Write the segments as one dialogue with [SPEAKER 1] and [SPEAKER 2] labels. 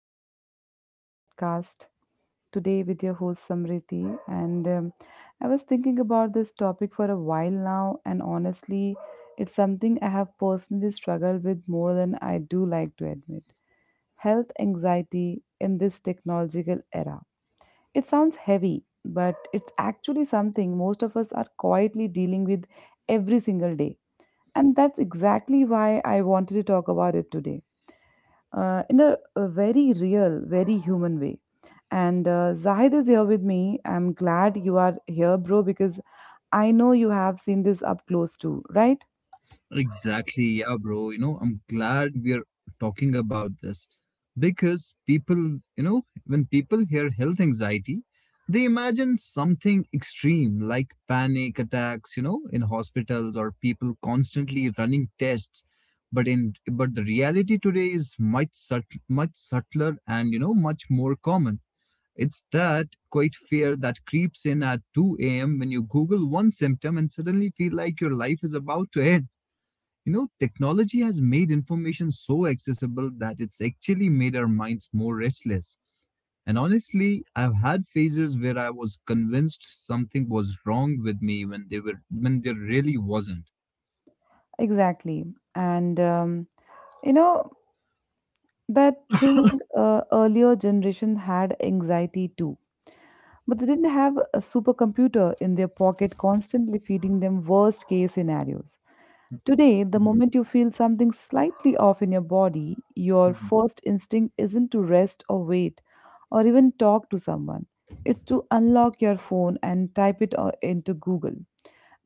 [SPEAKER 1] back to another podcast today with your host Samriti. And I was thinking about this topic for a while now, and honestly, it's something I have personally struggled with more than I do like to admit health anxiety in this technological era. It sounds heavy, but it's actually something most of us are quietly dealing with every single day. And that's exactly why I wanted to talk about it today in a very real, very human way. And Zahid is here with me. I'm glad you are here, bro, because I know you have seen this up close too, right?
[SPEAKER 2] Exactly, yeah, bro. You know, I'm glad we're talking about this because people, you know, when people hear health anxiety, they imagine something extreme like panic attacks, you know, in hospitals or people constantly running tests. But the reality today is much subtler and, you know, much more common. It's that quite fear that creeps in at 2 a.m. when you Google one symptom and suddenly feel like your life is about to end. You know, technology has made information so accessible that it's actually made our minds more restless. And honestly, I've had phases where I was convinced something was wrong with me when they were when there really wasn't.
[SPEAKER 1] Exactly. And, um, you know, That thing earlier generation had anxiety too, but they didn't have a supercomputer in their pocket constantly feeding them worst case scenarios. Today, the
[SPEAKER 2] Mhm,
[SPEAKER 1] moment you feel something slightly off in your body, your
[SPEAKER 2] mhm,
[SPEAKER 1] first instinct isn't to rest or wait or even talk to someone. It's to unlock your phone and type it into Google.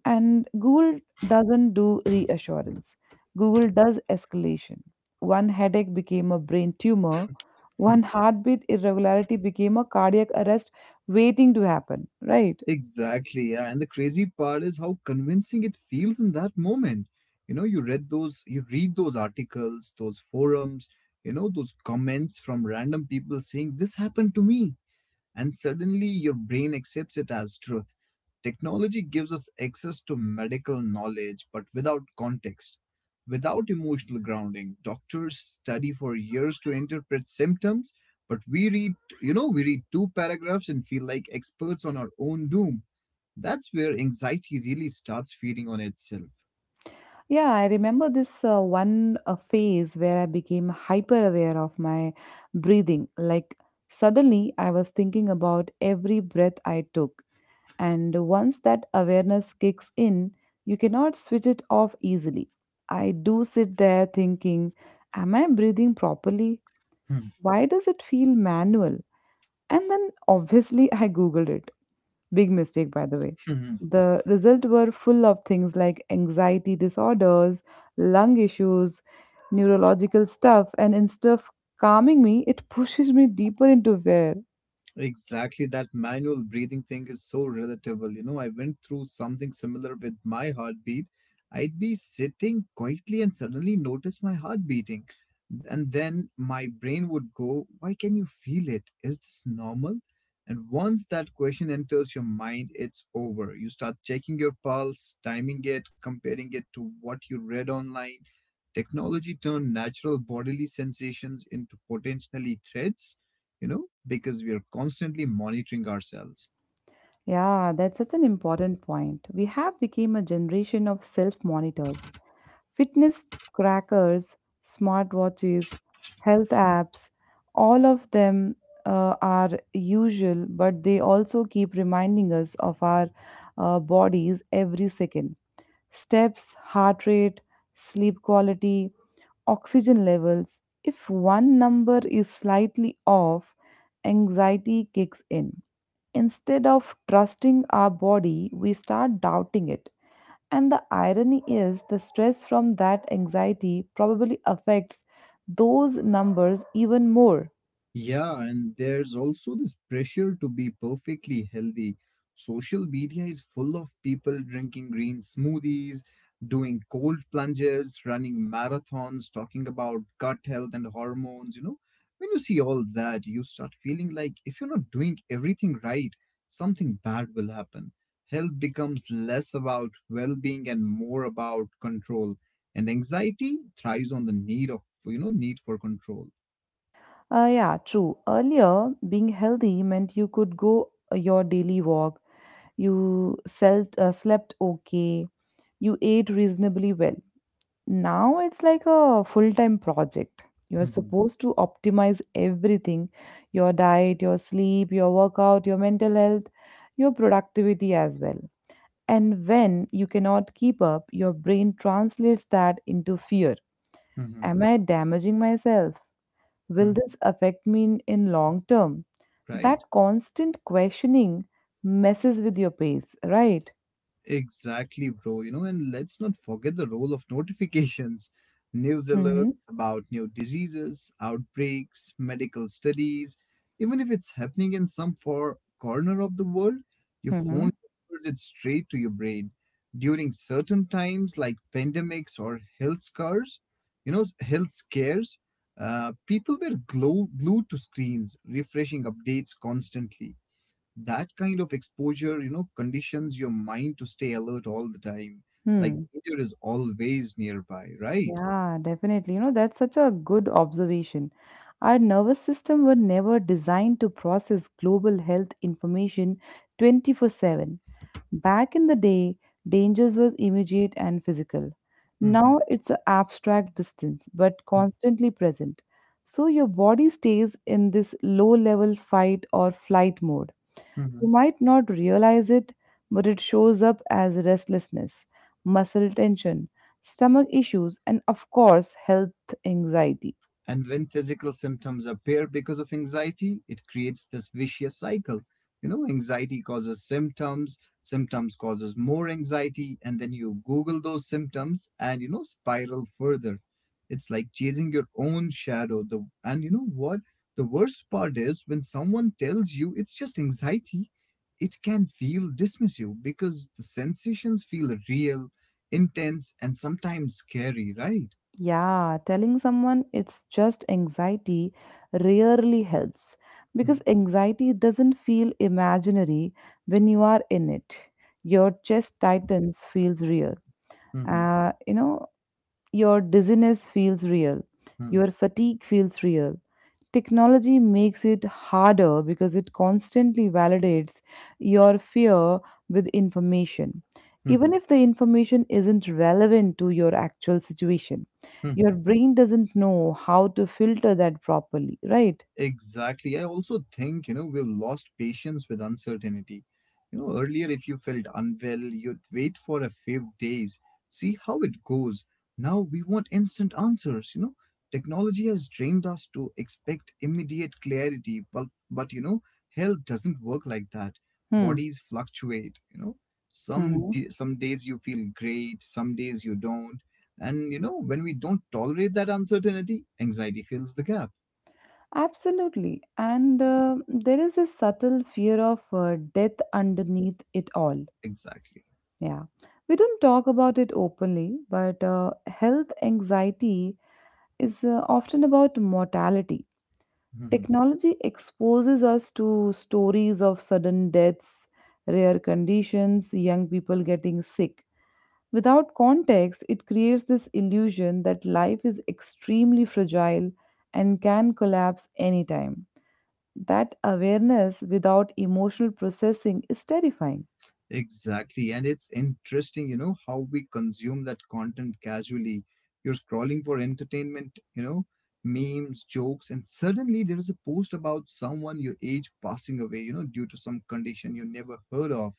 [SPEAKER 1] And Google doesn't do reassurance, Google does escalation. One headache became a brain tumor,
[SPEAKER 2] mhm.
[SPEAKER 1] one heartbeat irregularity became a cardiac arrest waiting to happen, right?
[SPEAKER 2] Exactly. Yeah. And the crazy part is how convincing it feels in that moment. You know, you read those articles, those forums, you know, those comments from random people saying, "This happened to me," and suddenly your brain accepts it as truth. Technology gives us access to medical knowledge, but without context. Without emotional grounding, doctors study for years to interpret symptoms, but we read, you know, we read two paragraphs and feel like experts on our own doom. That's where anxiety really starts feeding on itself.
[SPEAKER 1] Yeah, I remember this one phase where I became hyper aware of my breathing. Like, suddenly I was thinking about every breath I took. And once that awareness kicks in, you cannot switch it off easily. I do sit there thinking, am I breathing properly? Why does it feel manual? And then obviously I googled it. Big mistake, by the way. The results were full of things like anxiety disorders, lung issues, neurological stuff, and instead of calming me, it pushes me deeper into fear.
[SPEAKER 2] Exactly, that manual breathing thing is so relatable. You know, I went through something similar with my heartbeat. I'd be sitting quietly and suddenly notice my heart beating. And then my brain would go, "Why can you feel it? Is this normal?" And once that question enters your mind, it's over. You start checking your pulse, timing it, comparing it to what you read online. Technology turned natural bodily sensations into potentially threats, you know, because we are constantly monitoring ourselves.
[SPEAKER 1] Yeah, that's such an important point. We have become a generation of self-monitors, fitness trackers, smartwatches, health apps, all of them are usual, but they also keep reminding us of our bodies every second. Steps, heart rate, sleep quality, oxygen levels. If one number is slightly off, anxiety kicks in. Instead of trusting our body, we start doubting it. And the irony is, the stress from that anxiety probably affects those numbers even more.
[SPEAKER 2] Yeah, and there's also this pressure to be perfectly healthy. Social media is full of people drinking green smoothies, doing cold plunges, running marathons, talking about gut health and hormones. You know, when you see all that, you start feeling like if you're not doing everything right, something bad will happen. Health becomes less about well being and more about control. And anxiety thrives on the need of, you know, need for control.
[SPEAKER 1] Yeah, true. Earlier, being healthy meant you could go your daily walk, you slept okay, you ate reasonably well. Now it's like a full-time project. You're
[SPEAKER 2] Mhm,
[SPEAKER 1] supposed to optimize everything, your diet, your sleep, your workout, your mental health, your productivity as well. And when you cannot keep up, your brain translates that into fear.
[SPEAKER 2] mhm.
[SPEAKER 1] Am I damaging myself? Will
[SPEAKER 2] Hmm.
[SPEAKER 1] this affect me in long term?
[SPEAKER 2] Right.
[SPEAKER 1] That constant questioning messes with your pace, right?
[SPEAKER 2] Exactly, bro. You know, and let's not forget the role of notifications, news
[SPEAKER 1] Mm-hmm.
[SPEAKER 2] alerts about new diseases, outbreaks, medical studies. Even if it's happening in some far corner of the world, your
[SPEAKER 1] Mm-hmm.
[SPEAKER 2] phone delivers it straight to your brain. During certain times like pandemics or health scares, you know, health scares, people were glued to screens, refreshing updates constantly. That kind of exposure, you know, conditions your mind to stay alert all the time, like danger is always nearby, right?
[SPEAKER 1] Yeah, definitely. You know, that's such a good observation. Our nervous system were never designed to process global health information 24/7. Back in the day, dangers were immediate and physical.
[SPEAKER 2] Hmm.
[SPEAKER 1] Now it's an abstract distance, but constantly present. So your body stays in this low level fight or flight mode, you might not realize it, but it shows up as restlessness, muscle tension, stomach issues, and of course, health anxiety.
[SPEAKER 2] And when physical symptoms appear because of anxiety, it creates this vicious cycle. You know, anxiety causes symptoms, symptoms causes more anxiety, and then you Google those symptoms and, you know, spiral further. It's like chasing your own shadow. And you know what? The worst part is when someone tells you it's just anxiety, it can feel dismissive because the sensations feel real, intense, and sometimes scary, right?
[SPEAKER 1] Yeah, telling someone it's just anxiety rarely helps because anxiety doesn't feel imaginary when you are in it. Your chest tightens feels real.
[SPEAKER 2] Mm-hmm.
[SPEAKER 1] Uh, you know, Your dizziness feels real. Your fatigue feels real. Technology makes it harder because it constantly validates your fear with information.
[SPEAKER 2] Mm-hmm.
[SPEAKER 1] Even if the information isn't relevant to your actual situation, your
[SPEAKER 2] Mhm.
[SPEAKER 1] brain doesn't know how to filter that properly, right?
[SPEAKER 2] Exactly. I also think, you know, we've lost patience with uncertainty. You know, earlier, if you felt unwell, you'd wait for a few days, see how it goes. Now we want instant answers, you know. Technology has trained us to expect immediate clarity, but you know, health doesn't work like that.
[SPEAKER 1] Hmm.
[SPEAKER 2] Bodies fluctuate, you know. Some,
[SPEAKER 1] Mhm.
[SPEAKER 2] some days you feel great, some days you don't. And, you know, when we don't tolerate that uncertainty, anxiety fills the gap.
[SPEAKER 1] Absolutely. And there is a subtle fear of death underneath it all.
[SPEAKER 2] Exactly.
[SPEAKER 1] Yeah. We don't talk about it openly, but health anxiety is often about mortality.
[SPEAKER 2] Mhm.
[SPEAKER 1] Technology exposes us to stories of sudden deaths, rare conditions, young people getting sick. Without context, it creates this illusion that life is extremely fragile and can collapse anytime. That awareness without emotional processing is terrifying.
[SPEAKER 2] Exactly. And it's interesting, you know, how we consume that content casually. You're scrolling for entertainment, you know, memes, jokes, and suddenly there is a post about someone your age passing away, you know, due to some condition you never heard of.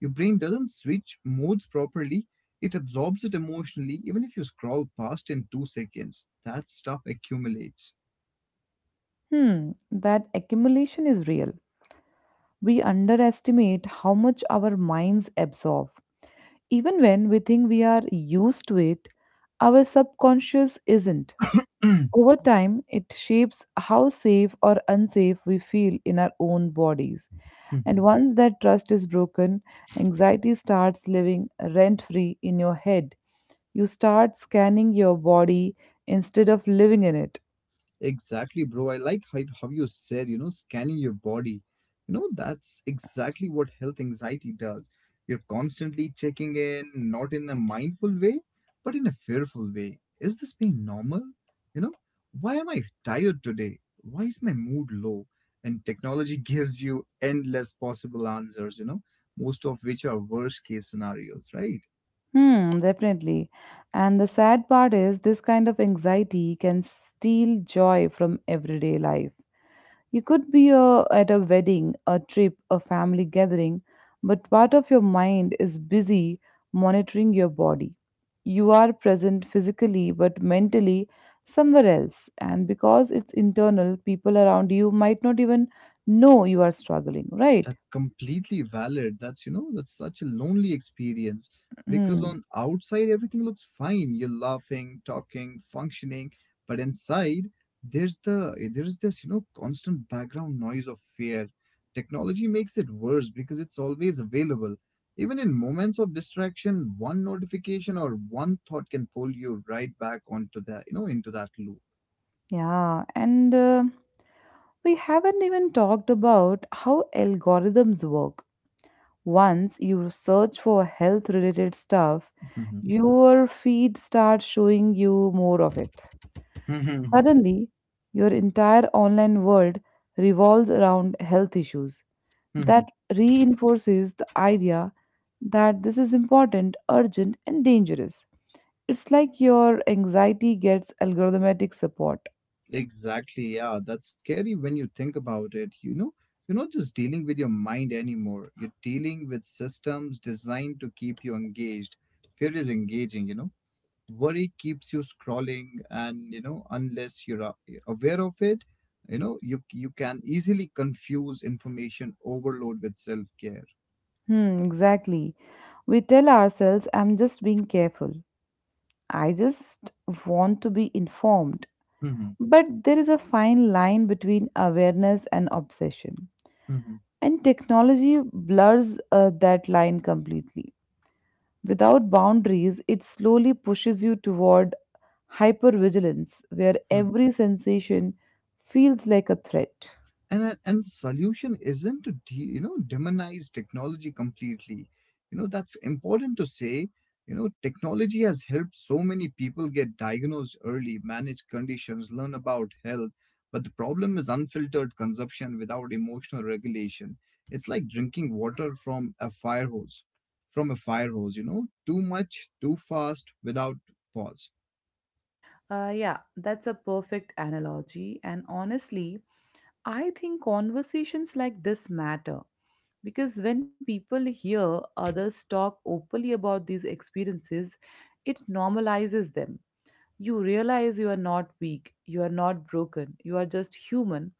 [SPEAKER 2] Your brain doesn't switch modes properly, it absorbs it emotionally, even if you scroll past in 2 seconds. That stuff accumulates.
[SPEAKER 1] Hmm, that accumulation is real. We underestimate how much our minds absorb. Even when we think we are used to it, our subconscious isn't. Over time, it shapes how safe or unsafe we feel in our own bodies. And once that trust is broken, anxiety starts living rent free in your head. You start scanning your body instead of living in it.
[SPEAKER 2] Exactly, bro. I like how you said, you know, scanning your body. You know, that's exactly what health anxiety does. You're constantly checking in, not in a mindful way, but in a fearful way. Is this being normal? You know, why am I tired today? Why is my mood low? And technology gives you endless possible answers, you know, most of which are worst case scenarios, right?
[SPEAKER 1] Hmm, definitely. And the sad part is, this kind of anxiety can steal joy from everyday life. You could be at a wedding, a trip, a family gathering, but part of your mind is busy monitoring your body. You are present physically, but mentally somewhere else. And because it's internal, people around you might not even know you are struggling, right?
[SPEAKER 2] That's completely valid. That's, you know, that's such a lonely experience because
[SPEAKER 1] Hmm.
[SPEAKER 2] on outside everything looks fine. You're laughing, talking, functioning, but inside there's this, you know, constant background noise of fear. Technology makes it worse because it's always available. Even in moments of distraction, one notification or one thought can pull you right back onto that, you know, into that
[SPEAKER 1] Yeah, and we haven't even talked about how algorithms work. Once you search for health related stuff, your feed starts showing you more of it.
[SPEAKER 2] loop.
[SPEAKER 1] Suddenly, your entire online world revolves around health issues. That reinforces the idea that this is important, urgent, and dangerous. It's like your anxiety gets algorithmic support.
[SPEAKER 2] Exactly, yeah. That's scary when you think about it. You know, you're not just dealing with your mind anymore. You're dealing with systems designed to keep you engaged. Fear is engaging, you know. Worry keeps you scrolling and, you know, unless you're aware of it, you know, you can easily confuse information overload with self-care.
[SPEAKER 1] Hmm, exactly. We tell ourselves, I'm just being careful. I just want to be informed.
[SPEAKER 2] Hmm.
[SPEAKER 1] But there is a fine line between awareness and obsession.
[SPEAKER 2] Hmm.
[SPEAKER 1] And technology blurs that line completely. Without boundaries, it slowly pushes you toward hypervigilance, where every sensation feels like a threat.
[SPEAKER 2] And solution isn't to you know, demonize technology completely. You know, that's important to say. You know, technology has helped so many people get diagnosed early, manage conditions, learn about health. But the problem is unfiltered consumption without emotional regulation. It's like drinking water from a fire hose, from a fire hose, you know, too much too fast without pause.
[SPEAKER 1] Yeah, that's a perfect analogy. And honestly, I think conversations like this matter because when people hear others talk openly about these experiences, it normalizes them. You realize you are not weak, you are not broken, you are just human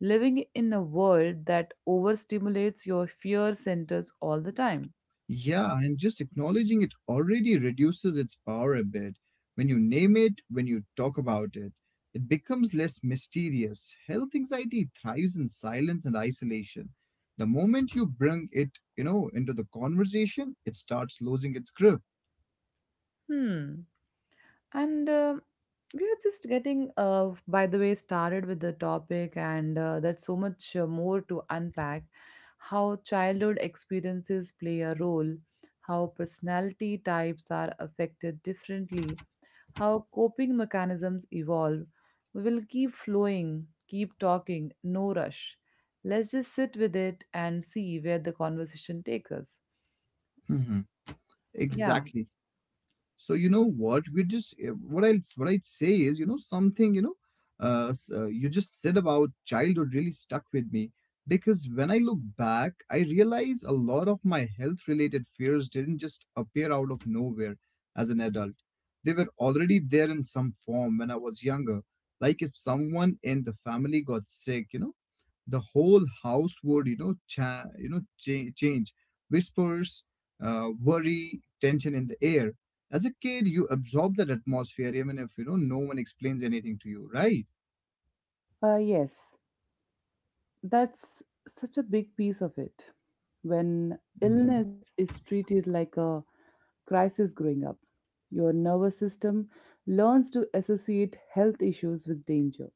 [SPEAKER 1] living in a world that overstimulates your fear centers all the time.
[SPEAKER 2] Yeah, and just acknowledging it already reduces its power a bit. When you name it, when you talk about it, it becomes less mysterious. Health anxiety thrives in silence and isolation. The moment you bring it, you know, into the conversation, it starts losing its grip.
[SPEAKER 1] Hmm. And we are just getting, by the way, started with the topic, and that's so much more to unpack how childhood experiences play a role, how personality types are affected differently, how coping mechanisms evolve. We will keep flowing, keep talking, no rush. Let's just sit with it and see where the conversation takes us.
[SPEAKER 2] Hmm.
[SPEAKER 1] Yeah.
[SPEAKER 2] Exactly. So you know what we just what I'd say is, you know, something, you know, you just said about childhood really stuck with me because when I look back, I realize a lot of my health related fears didn't just appear out of nowhere as an adult. They were already there in some form when I was younger. Like, if someone in the family got sick, you know, the whole house would, you know, change. Whispers, worry, tension in the air. As a kid, you absorb that atmosphere even if, you know, no one explains anything to you, right?
[SPEAKER 1] Yes. That's such a big piece of it. When illness is treated like a crisis growing up, your nervous system learns to associate health issues with danger.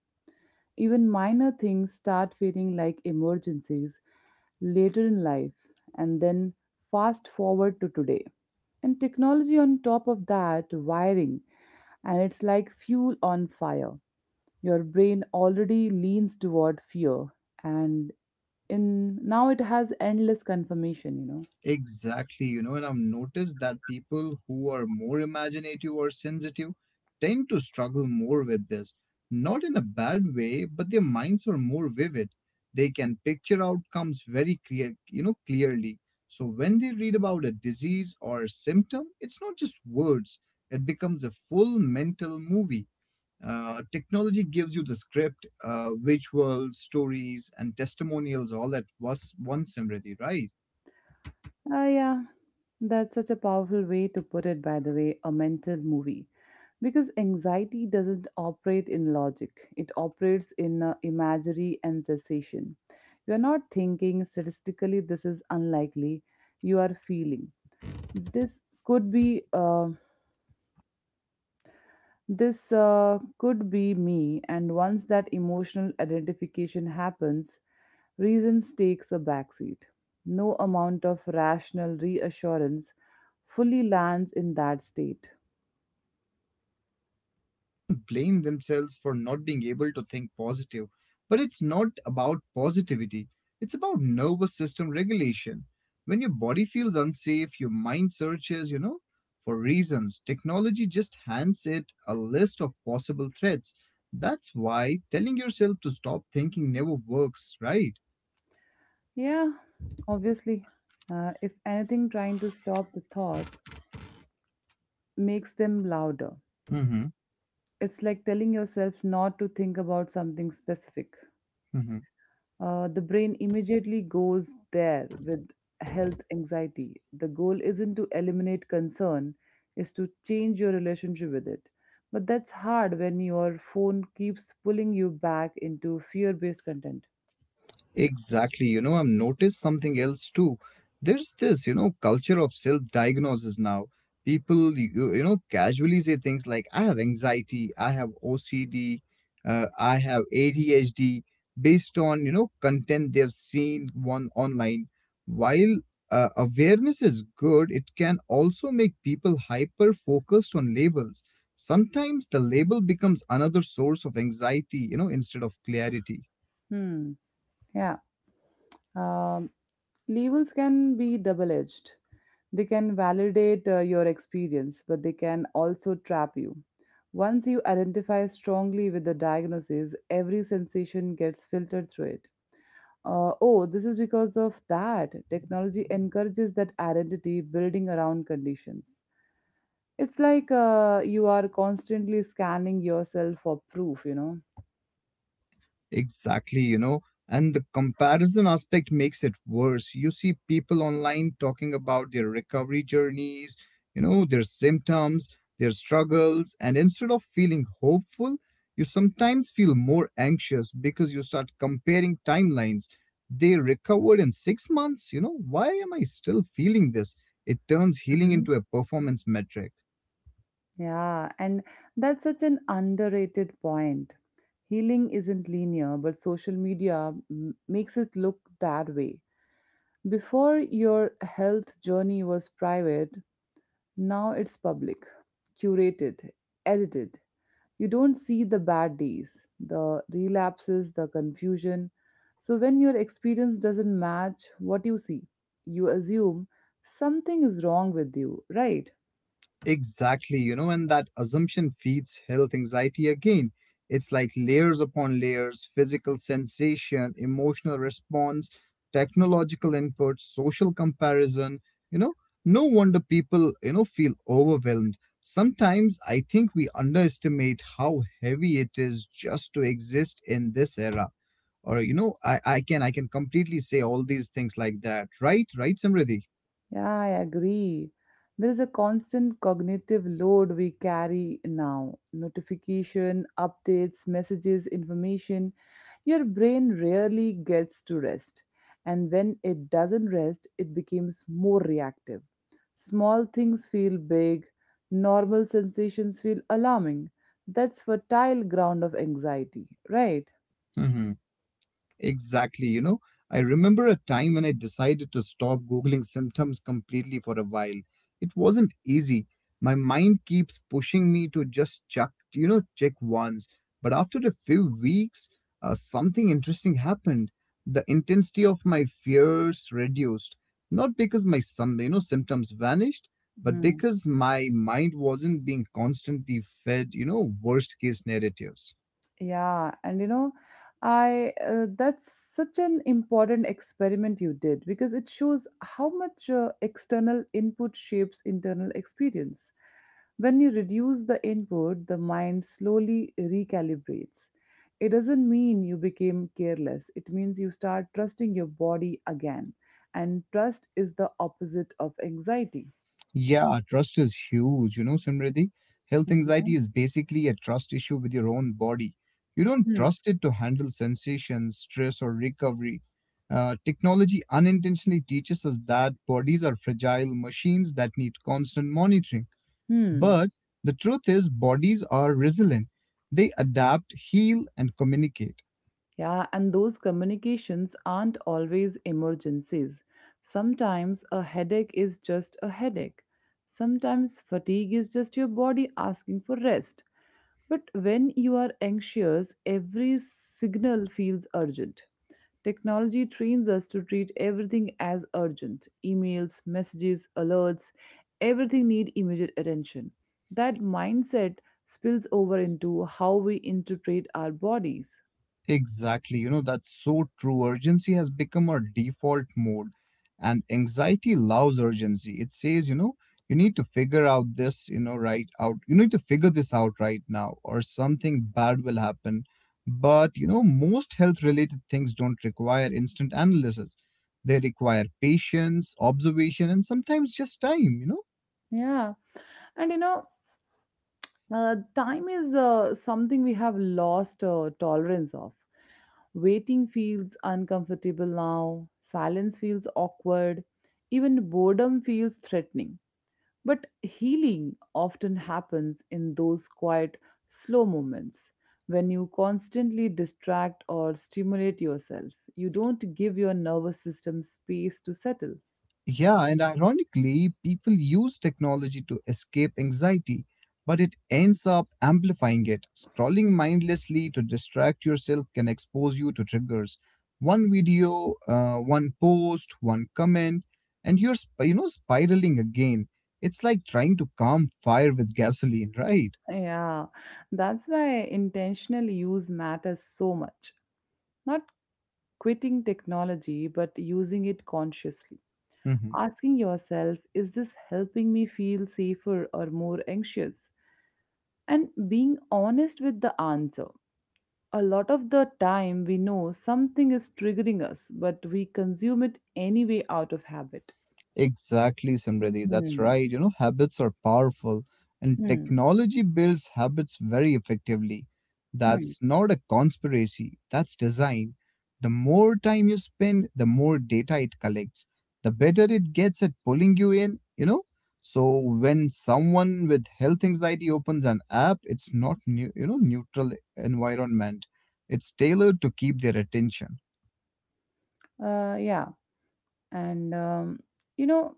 [SPEAKER 1] Even minor things start feeling like emergencies later in life, and then fast forward to today. And technology on top of that wiring, and it's like fuel on fire. Your brain already leans toward fear, and in now it has endless confirmation, you know.
[SPEAKER 2] Exactly, you know, and I've noticed that people who are more imaginative or sensitive tend to struggle more with this. Not in a bad way, but their minds are more vivid. They can picture outcomes you know, clearly. So when they read about a disease or symptom, it's not just words. It becomes a full mental movie. Technology gives you the script, visuals, stories, and testimonials all at once, Simriti, right?
[SPEAKER 1] Ah, yeah, that's such a powerful way to put it, by the way, a mental movie. Because anxiety doesn't operate in logic, it operates in imagery and cessation. You are not thinking statistically this is unlikely, you are feeling. This could be uh, This could be me, and once that emotional identification happens, reasons takes a backseat. No amount of rational reassurance fully lands in that state.
[SPEAKER 2] Often blame themselves for not being able to think positive. But it's not about positivity, it's about nervous system regulation. When your body feels unsafe, your mind searches, you know, for reasons. Technology just hands it a list of possible threats. That's why telling yourself to stop thinking never works, right?
[SPEAKER 1] Yeah, obviously. If anything, trying to stop the thoughts makes them louder.
[SPEAKER 2] Mm-hmm.
[SPEAKER 1] It's like telling yourself not to think about something specific.
[SPEAKER 2] Mm-hmm.
[SPEAKER 1] The brain immediately goes there with health anxiety. The goal isn't to eliminate concern, is to change your relationship with it. But that's hard when your phone keeps pulling you back into fear based content.
[SPEAKER 2] Exactly. You know, I've noticed something else too. There's this, you know, culture of self-diagnosis now. People, you know, casually say things like, "I have anxiety, I have OCD, I have ADHD," based on, you know, content they've seen one online. While awareness is good, it can also make people hyper-focused on labels. Sometimes the label becomes another source of anxiety, you know, instead of clarity.
[SPEAKER 1] Hmm. Yeah. Um, Labels can be double edged. They can validate your experience, but they can also trap you. Once you identify strongly with the diagnosis, every sensation gets filtered through it. Oh, this is because of that. Technology encourages that identity building around conditions. It's like you are constantly scanning yourself for proof, you know.
[SPEAKER 2] Exactly, you know, and the comparison aspect makes it worse. You see people online talking about their recovery journeys, you know, their symptoms, their struggles, and instead of feeling hopeful, you sometimes feel more anxious because you start comparing timelines. They recovered in 6 months, you know, why am I still feeling this? It turns healing
[SPEAKER 1] Mm-hmm.
[SPEAKER 2] into a performance metric.
[SPEAKER 1] Yeah, and that's such an underrated point. Healing isn't linear, but social media makes it look that way. Before, your health journey was private, now it's public, curated, edited. You don't see the bad days, the relapses, the confusion. So, when your experience doesn't match what you see, you assume something is wrong with you, right?
[SPEAKER 2] Exactly, you know, and that assumption feeds health anxiety again. It's like layers upon layers physical sensation, emotional response, technological input, social comparison. You know, no wonder people, you know, feel overwhelmed. Sometimes I think we underestimate how heavy it is just to exist in this era. Or, you know, I can completely say all these things like that. Right, Samriddhi?
[SPEAKER 1] Yeah, I agree. There is a constant cognitive load we carry now. Notification, updates, messages, information. Your brain rarely gets to rest. And when it doesn't rest, it becomes more reactive. Small things feel big, normal sensations feel alarming. That's fertile ground of anxiety, right?
[SPEAKER 2] Exactly, you know, I remember a time when I decided to stop Googling symptoms completely for a while. It wasn't easy. My mind keeps pushing me to just check, you know, check once. But after a few weeks, something interesting happened. The intensity of my fears reduced, not because you know, symptoms vanished, but
[SPEAKER 1] Mhm.
[SPEAKER 2] because my mind wasn't being constantly fed, you know, worst case narratives.
[SPEAKER 1] Yeah, and you know, I that's such an important experiment you did because it shows how much external input shapes internal experience. When you reduce the input, the mind slowly recalibrates. It doesn't mean you became careless, it means you start trusting your body again. And trust is the opposite of anxiety.
[SPEAKER 2] Yeah, trust is huge. You know, Simriddhi, health anxiety is basically a trust issue with your own body. You don't
[SPEAKER 1] Hmm.
[SPEAKER 2] trust it to handle sensations, stress, or recovery. Technology unintentionally teaches us that bodies are fragile machines that need constant monitoring.
[SPEAKER 1] Hmm.
[SPEAKER 2] But the truth is, bodies are resilient. They adapt, heal, and communicate.
[SPEAKER 1] Yeah, and those communications aren't always emergencies. Sometimes a headache is just a headache. Sometimes fatigue is just your body asking for rest. But when you are anxious, every signal feels urgent. Technology trains us to treat everything as urgent. Emails, messages, alerts, everything need immediate attention. That mindset spills over into how we interpret our bodies.
[SPEAKER 2] Exactly. You know, that's so true. Urgency has become our default mode, and anxiety loves urgency. It says, you know, you need to figure out this, you know, right out. You need to figure this out right now, or something bad will happen. But, you know, most health related things don't require instant analysis. They require patience, observation, and sometimes just time, you know.
[SPEAKER 1] Yeah. And you know, time is something we have lost tolerance of. Waiting feels uncomfortable now, silence feels awkward, even boredom feels threatening. But healing often happens in those quiet, slow moments when you constantly distract or stimulate yourself. You don't give your nervous system space to settle.
[SPEAKER 2] Yeah, and ironically, people use technology to escape anxiety, but it ends up amplifying it. Scrolling mindlessly to distract yourself can expose you to triggers. One video, one post, one comment, and you know spiraling again. It's like trying to calm fire with gasoline, right?
[SPEAKER 1] Yeah, that's why intentional use matters so much. Not quitting technology but using it consciously.
[SPEAKER 2] Mm-hmm.
[SPEAKER 1] Asking yourself, is this helping me feel safer or more anxious? And being honest with the answer. A lot of the time, we know something is triggering us, but we consume it anyway out of habit.
[SPEAKER 2] Exactly, Simriti. That's
[SPEAKER 1] Hmm.
[SPEAKER 2] right. You know, habits are powerful, and
[SPEAKER 1] Hmm.
[SPEAKER 2] technology builds habits very effectively.
[SPEAKER 1] Hmm.
[SPEAKER 2] That's not a conspiracy, that's design. The more time you spend, the more data it collects, the better it gets at pulling you in, you know. So when someone with health anxiety opens an app, it's not new, you know, neutral environment. It's tailored to keep their attention.
[SPEAKER 1] Yeah. And, you know,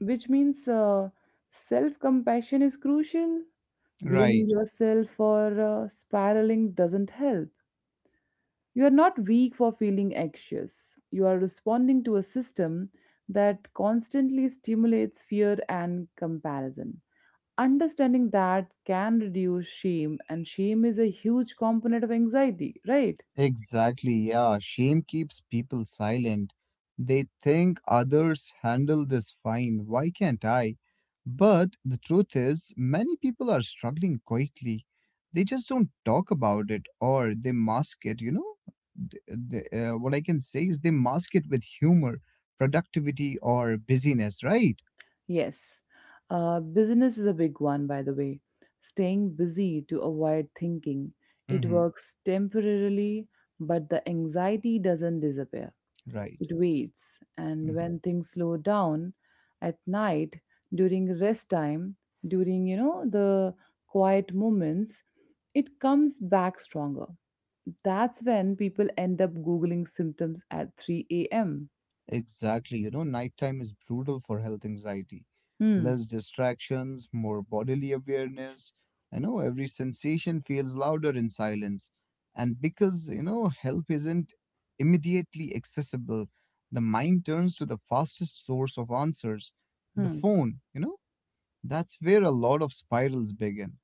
[SPEAKER 1] which means self compassion is crucial. Blaming
[SPEAKER 2] Right.
[SPEAKER 1] yourself for spiraling doesn't help. You are not weak for feeling anxious. You are responding to a system that constantly stimulates fear and comparison. Understanding that can reduce shame, and shame is a huge component of anxiety, right?
[SPEAKER 2] Exactly, yeah. Shame keeps people silent. They think others handle this fine. Why can't I? But the truth is, many people are struggling quietly. They just don't talk about it or they mask it, you know? Th- what I can say is they mask it with humor, productivity, or busyness, right?
[SPEAKER 1] Yes. Business is a big one, by the way. Staying busy to avoid thinking. It
[SPEAKER 2] Mm-hmm.
[SPEAKER 1] works temporarily, but the anxiety doesn't disappear.
[SPEAKER 2] Right.
[SPEAKER 1] It waits, and
[SPEAKER 2] Mhm.
[SPEAKER 1] when things slow down at night, during rest time, during, the quiet moments, it comes back stronger. That's when people end up Googling symptoms at 3 a.m.
[SPEAKER 2] Exactly. You know, nighttime is brutal for health anxiety.
[SPEAKER 1] Hmm.
[SPEAKER 2] Less distractions, more bodily awareness. I know every sensation feels louder in silence. And because, you know, help isn't immediately accessible, the mind turns to the fastest source of answers the
[SPEAKER 1] Hmm.
[SPEAKER 2] phone. You know, that's where a lot of spirals begin.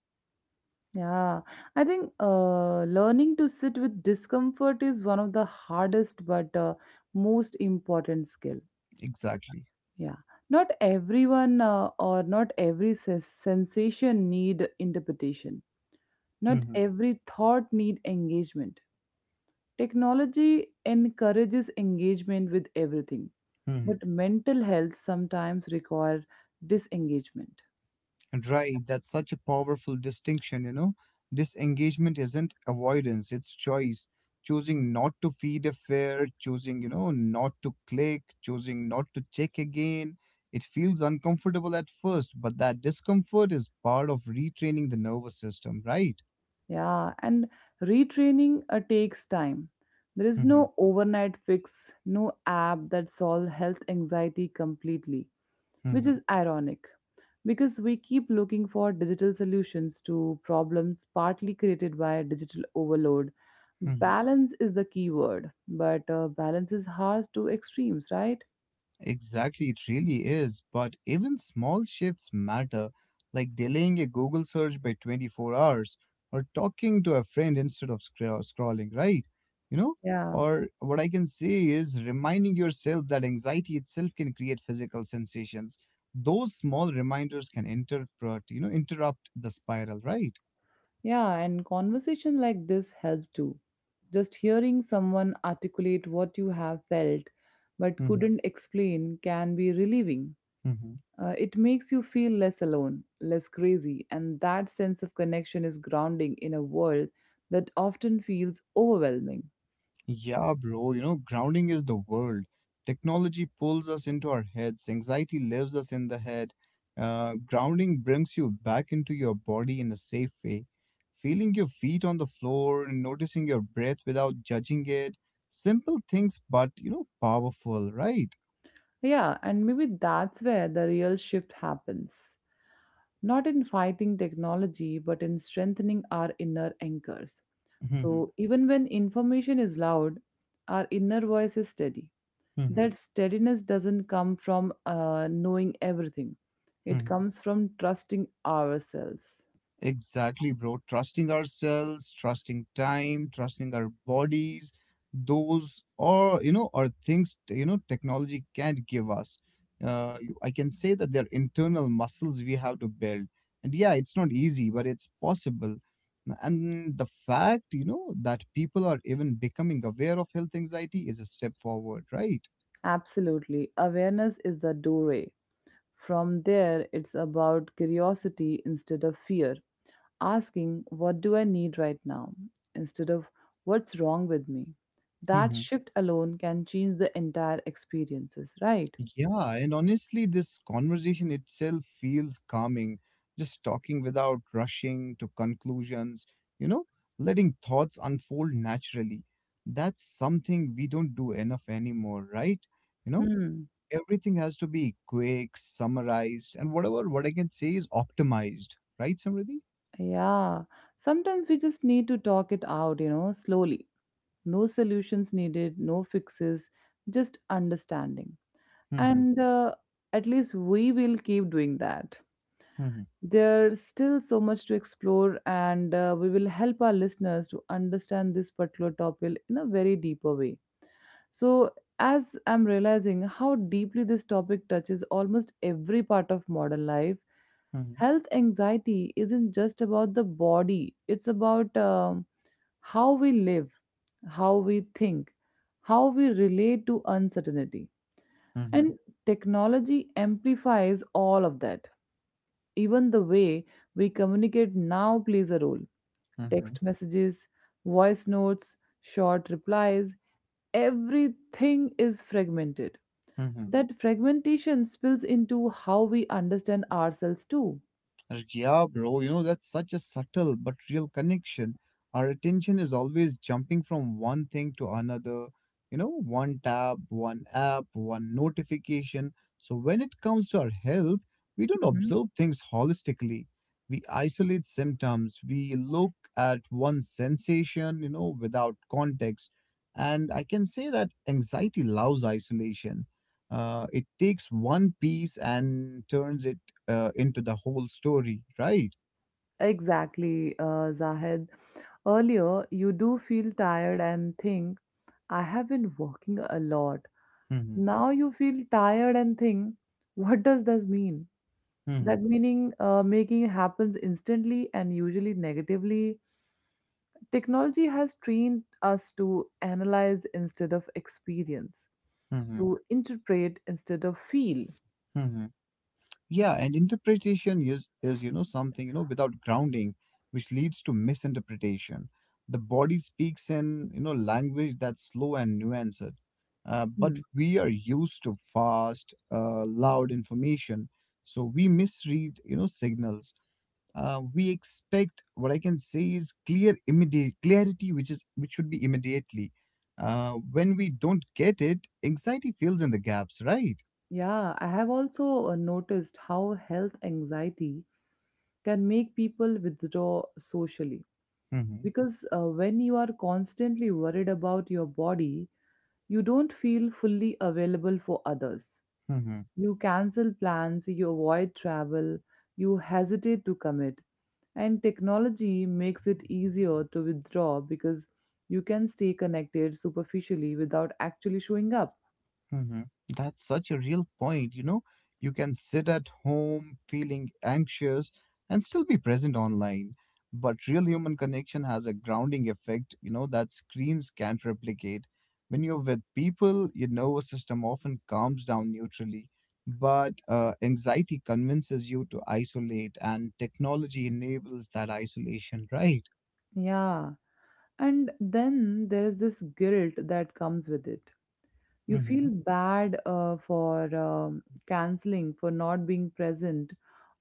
[SPEAKER 1] Yeah, I think learning to sit with discomfort is one of the hardest but most important skill.
[SPEAKER 2] Exactly.
[SPEAKER 1] Yeah. Not everyone or not every sensation need interpretation. Not
[SPEAKER 2] Hmm.
[SPEAKER 1] every thought need engagement. Technology encourages engagement with everything,
[SPEAKER 2] Hmm.
[SPEAKER 1] but mental health sometimes require disengagement.
[SPEAKER 2] Right, that's such a powerful distinction, you know. Disengagement isn't avoidance, it's choice. Choosing not to feed a fear, choosing, you know, not to click, choosing not to check again. It feels uncomfortable at first, but that discomfort is part of retraining the nervous system, right?
[SPEAKER 1] Yeah, and retraining takes time. There is
[SPEAKER 2] Hmm.
[SPEAKER 1] no overnight fix, no app that solve health anxiety completely, which
[SPEAKER 2] Hmm.
[SPEAKER 1] is ironic because we keep looking for digital solutions to problems partly created by digital overload.
[SPEAKER 2] Hmm.
[SPEAKER 1] Balance is the key word, but balance is hard to extremes, right?
[SPEAKER 2] Exactly, it really is. But even small shifts matter, like delaying a Google search by 24 hours or talking to a friend instead of scrolling, right? You know,
[SPEAKER 1] Yeah,
[SPEAKER 2] or what I can say is reminding yourself that anxiety itself can create physical sensations. Those small reminders can interrupt, you know, interrupt the spiral, right?
[SPEAKER 1] yeah, and conversation like this help too. Just hearing someone articulate what you have felt but
[SPEAKER 2] Hmm.
[SPEAKER 1] couldn't explain can be relieving.
[SPEAKER 2] Hmm.
[SPEAKER 1] It makes you feel less alone, less crazy, and that sense of connection is grounding in a world that often feels overwhelming.
[SPEAKER 2] Yeah, bro, you know, grounding is the world. Technology pulls us into our heads, anxiety lives us in the head. Grounding brings you back into your body in a safe way. Feeling your feet on the floor and noticing your breath without judging it. Simple things, but, you know, powerful, right?
[SPEAKER 1] Yeah, and maybe that's where the real shift happens. Not in fighting technology, but in strengthening our inner anchors.
[SPEAKER 2] Hmm.
[SPEAKER 1] So, even when information is loud, our inner voice is steady.
[SPEAKER 2] Hmm.
[SPEAKER 1] That steadiness doesn't come from knowing everything, it comes from trusting ourselves.
[SPEAKER 2] Exactly, bro. Trusting ourselves, trusting time, trusting our bodies, those or you know, are you know technology can't give us. I can say that they're internal muscles we have to build, and yeah, it's not easy, but it's possible. And the fact you know that people are even becoming aware of health anxiety is a step forward, right?
[SPEAKER 1] Absolutely. Awareness is the doorway. From there, it's about curiosity instead of fear asking, what do I need right now? Instead of what's wrong with me? That shift alone can change the entire experiences, right?
[SPEAKER 2] Yeah, and honestly, this conversation itself feels calming. Just talking without rushing to conclusions, you know, letting thoughts unfold naturally. That's something we don't do enough anymore, right? You know,
[SPEAKER 1] Hmm.
[SPEAKER 2] everything has to be quick, summarized, and whatever what I can say is optimized, right, Samriddhi?
[SPEAKER 1] Yeah. Sometimes we just need to talk it out, you know, slowly. No solutions needed, no fixes, just understanding.
[SPEAKER 2] Mm-hmm.
[SPEAKER 1] And At least we will keep doing that.
[SPEAKER 2] Mm-hmm.
[SPEAKER 1] There's still so much to explore, and we will help our listeners to understand this particular topic in a very deeper way. So, as I'm realizing how deeply this topic touches almost every part of modern life, health anxiety isn't just about the body, it's about how we live, how we think, how we relate to uncertainty.
[SPEAKER 2] Mm-hmm.
[SPEAKER 1] And technology amplifies all of that, even the way we communicate now plays a role.
[SPEAKER 2] Mm-hmm.
[SPEAKER 1] Text messages, voice notes, short replies, everything is fragmented.
[SPEAKER 2] Mm-hmm.
[SPEAKER 1] That fragmentation spills into how we understand ourselves too.
[SPEAKER 2] Yeah, bro, you know, that's such a subtle but real connection. Our attention is always jumping from one thing to another, you know, one tab, one app, one notification. So when it comes to our health, we don't
[SPEAKER 1] Mhm.
[SPEAKER 2] observe things holistically. We isolate symptoms, we look at one sensation, you know, without context. And I can say that anxiety loves isolation. It takes one piece and turns it into the whole story, right?
[SPEAKER 1] Exactly, Zahed. Earlier, you do feel tired and think, I have been working a lot.
[SPEAKER 2] Mm-hmm.
[SPEAKER 1] Now you feel tired and think, what does this mean?
[SPEAKER 2] Mm-hmm.
[SPEAKER 1] That meaning making happens instantly and usually negatively. Technology has trained us to analyze instead of experience,
[SPEAKER 2] Mm-hmm.
[SPEAKER 1] to interpret instead of feel.
[SPEAKER 2] Mm-hmm. Yeah, and interpretation is you know something you know without grounding, which leads to misinterpretation. The body speaks in you know language that's slow and nuanced, but
[SPEAKER 1] Hmm.
[SPEAKER 2] we are used to fast, loud information, so we misread you know signals. We expect what I can say is clear immediate clarity which is which should be immediately when we don't get it anxiety fills in the gaps right.
[SPEAKER 1] Yeah, I have also noticed how health anxiety can make people withdraw socially
[SPEAKER 2] Mm-hmm.
[SPEAKER 1] because when you are constantly worried about your body, you don't feel fully available for others. You cancel plans, you avoid travel, you hesitate to commit. And technology makes it easier to withdraw because you can stay connected superficially without actually showing up.
[SPEAKER 2] Hmm. That's such a real point. You know, you can sit at home feeling anxious and still be present online. But real human connection has a grounding effect, you know, that screens can't replicate. When you're with people, your nervous system often calms down neutrally. But anxiety convinces you to isolate, and technology enables that isolation, right?
[SPEAKER 1] Yeah. And then there is this guilt that comes with it. You
[SPEAKER 2] Mm-hmm.
[SPEAKER 1] feel bad for canceling, for not being present,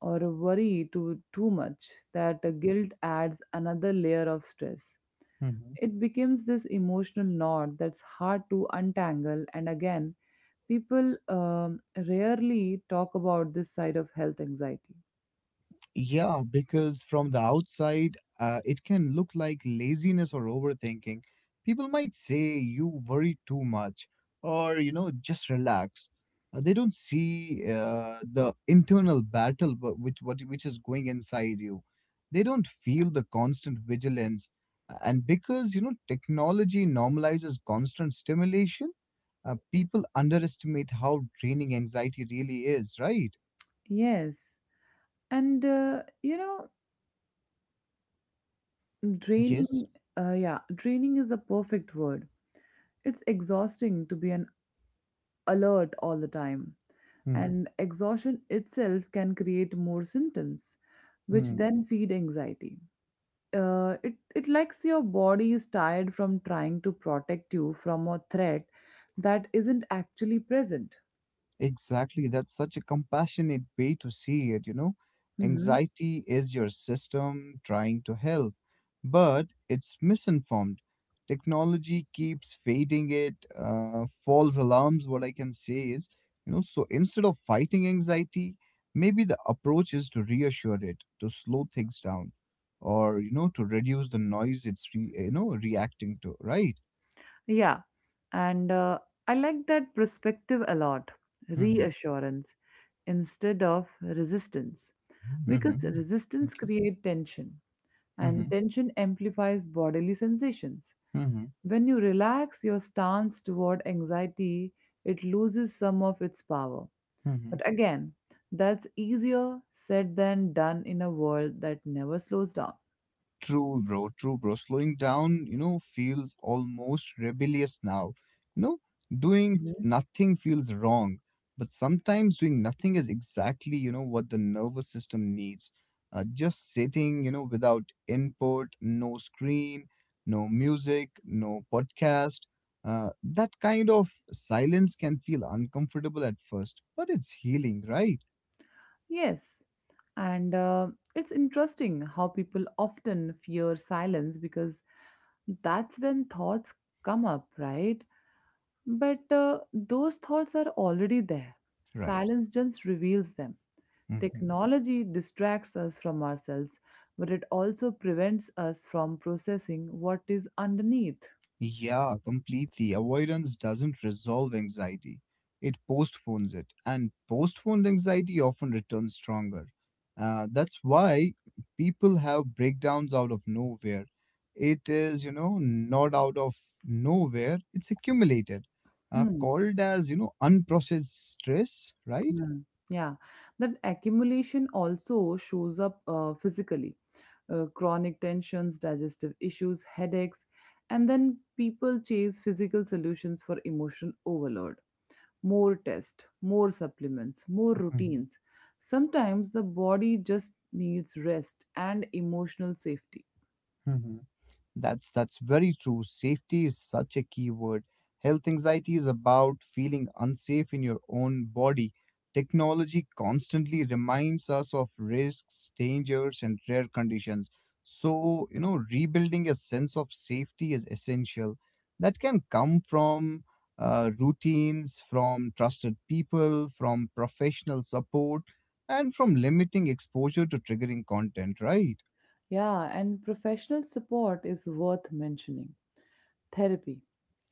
[SPEAKER 1] or worry too much. That guilt adds another layer of stress.
[SPEAKER 2] Mm-hmm.
[SPEAKER 1] It becomes this emotional knot that's hard to untangle, and again, people rarely talk about this side of health anxiety.
[SPEAKER 2] Yeah, because from the outside, it can look like laziness or overthinking. People might say you worry too much or, you know, just relax. They don't see the internal battle which is going inside you. They don't feel the constant vigilance. And because, you know, technology normalizes constant stimulation, people underestimate how draining anxiety really is, right?
[SPEAKER 1] Yes, and you know,
[SPEAKER 2] Yes.
[SPEAKER 1] draining, yeah, draining is the perfect word. It's exhausting to be an alert all the time, and exhaustion itself can create more symptoms, which
[SPEAKER 2] Hmm.
[SPEAKER 1] then feed anxiety. It likes your body is tired from trying to protect you from a threat that isn't actually present.
[SPEAKER 2] Exactly. That's such a compassionate way to see it, you know.
[SPEAKER 1] Mhm.
[SPEAKER 2] Anxiety is your system trying to help, but it's misinformed. Technology keeps fading it, false alarms. What I can say is, you know, so instead of fighting anxiety, maybe the approach is to reassure it, to slow things down, or, you know, to reduce the noise it's you know, reacting to, right?
[SPEAKER 1] Yeah, and I like that perspective a lot,
[SPEAKER 2] Mm-hmm.
[SPEAKER 1] reassurance instead of resistance. Because,
[SPEAKER 2] Mm-hmm.
[SPEAKER 1] Resistance
[SPEAKER 2] Thank you.
[SPEAKER 1] creates tension, and
[SPEAKER 2] Mm-hmm.
[SPEAKER 1] tension amplifies bodily sensations. When you relax your stance toward anxiety, it loses some of its power.
[SPEAKER 2] Mm-hmm.
[SPEAKER 1] But again, that's easier said than done in a world that never slows down.
[SPEAKER 2] True, bro. True, bro. Slowing down, you know, feels almost rebellious now. You know, doing nothing feels wrong, but sometimes doing nothing is exactly, you know, what the nervous system needs. Just sitting, you know, without input, no screen, no music, no podcast. That kind of silence can feel uncomfortable at first, but it's healing, right?
[SPEAKER 1] Yes, and it's interesting how people often fear silence because that's when thoughts come up, right? But those thoughts are already there.
[SPEAKER 2] Right.
[SPEAKER 1] Silence just reveals them.
[SPEAKER 2] Mhm.
[SPEAKER 1] Technology distracts us from ourselves, but it also prevents us from processing what is underneath.
[SPEAKER 2] Yeah, completely. Avoidance doesn't resolve anxiety, it postpones it. And postponed anxiety often returns stronger. That's why people have breakdowns out of nowhere. It is, you know, not out of nowhere, it's accumulated,
[SPEAKER 1] Hmm.
[SPEAKER 2] called as, you know, unprocessed stress, right?
[SPEAKER 1] Hmm. Yeah, that accumulation also shows up physically. Chronic tensions, digestive issues, headaches, and then people chase physical solutions for emotional overload. More tests, more supplements, more
[SPEAKER 2] Hmm.
[SPEAKER 1] routines. Sometimes the body just needs rest and emotional safety.
[SPEAKER 2] Hmm. That's very true. Safety is such a key word. Health anxiety is about feeling unsafe in your own body. Technology constantly reminds us of risks, dangers, and rare conditions. So, you know, rebuilding a sense of safety is essential. That can come from routines, from trusted people, from professional support, and from limiting exposure to triggering content, right?
[SPEAKER 1] Yeah, and professional support is worth mentioning. Therapy,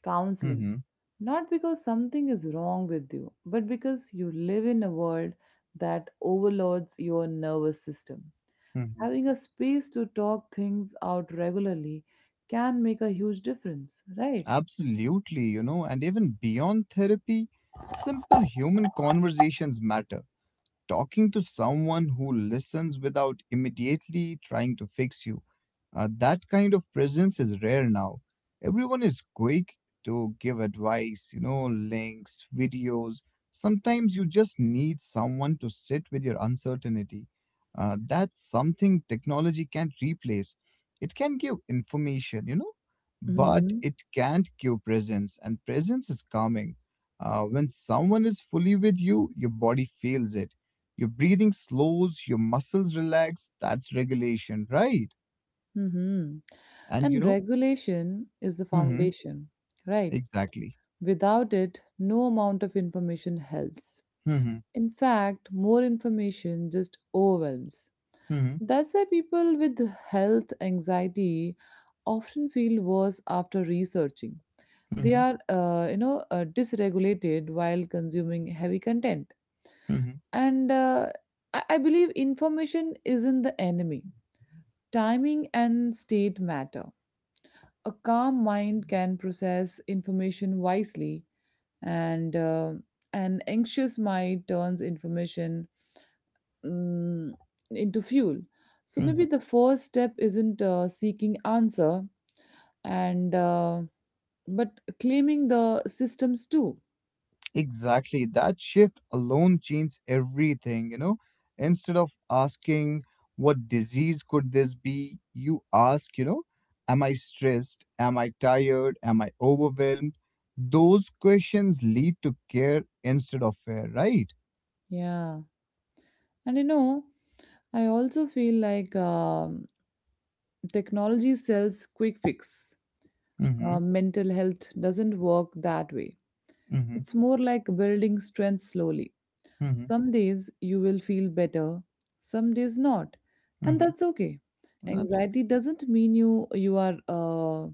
[SPEAKER 1] counseling,
[SPEAKER 2] Mm-hmm.
[SPEAKER 1] not because something is wrong with you, but because you live in a world that overloads your nervous system.
[SPEAKER 2] Mm-hmm.
[SPEAKER 1] Having a space to talk things out regularly can make a huge difference, right?
[SPEAKER 2] Absolutely, you know, and even beyond therapy, simple human conversations matter talking to someone who listens without immediately trying to fix you. That kind of presence is rare now. Everyone is quick to give advice, you know, links, videos. Sometimes you just need someone to sit with your uncertainty. That's something technology can't replace. It can give information, you know, but
[SPEAKER 1] Hmm.
[SPEAKER 2] it can't give presence, and presence is calming. When someone is fully with you, your body feels it your breathing slows, your muscles relax. That's regulation, right?
[SPEAKER 1] Hmm.
[SPEAKER 2] And you
[SPEAKER 1] And
[SPEAKER 2] know,
[SPEAKER 1] regulation is the
[SPEAKER 2] hmm
[SPEAKER 1] foundation, right?
[SPEAKER 2] exactly.
[SPEAKER 1] Without it, no amount of information helps.
[SPEAKER 2] Hmm.
[SPEAKER 1] In fact, more information just overwhelms.
[SPEAKER 2] Hmm.
[SPEAKER 1] That's why people with health anxiety often feel worse after researching. They
[SPEAKER 2] Hmm.
[SPEAKER 1] are, dysregulated while consuming heavy content.
[SPEAKER 2] Hmm.
[SPEAKER 1] And I believe information isn't the enemy. Timing and state matter. A calm mind can process information wisely, and an anxious mind turns information, mm, into fuel. So maybe
[SPEAKER 2] Hmm.
[SPEAKER 1] the first step isn't seeking answer and but claiming the systems too.
[SPEAKER 2] Exactly. That shift alone changes everything, you know. Instead of asking, what disease could this be? You ask, you know, am I stressed? Am I tired? Am I overwhelmed? Those questions lead to care instead of fear, right?
[SPEAKER 1] Yeah, and you know, I also feel like technology sells quick fix.
[SPEAKER 2] Hmm.
[SPEAKER 1] Mental health doesn't work that way.
[SPEAKER 2] Hmm.
[SPEAKER 1] It's more like building strength slowly.
[SPEAKER 2] Hmm.
[SPEAKER 1] Some days you will feel better, some days not, and
[SPEAKER 2] Hmm.
[SPEAKER 1] that's okay.
[SPEAKER 2] That's
[SPEAKER 1] Anxiety doesn't mean you are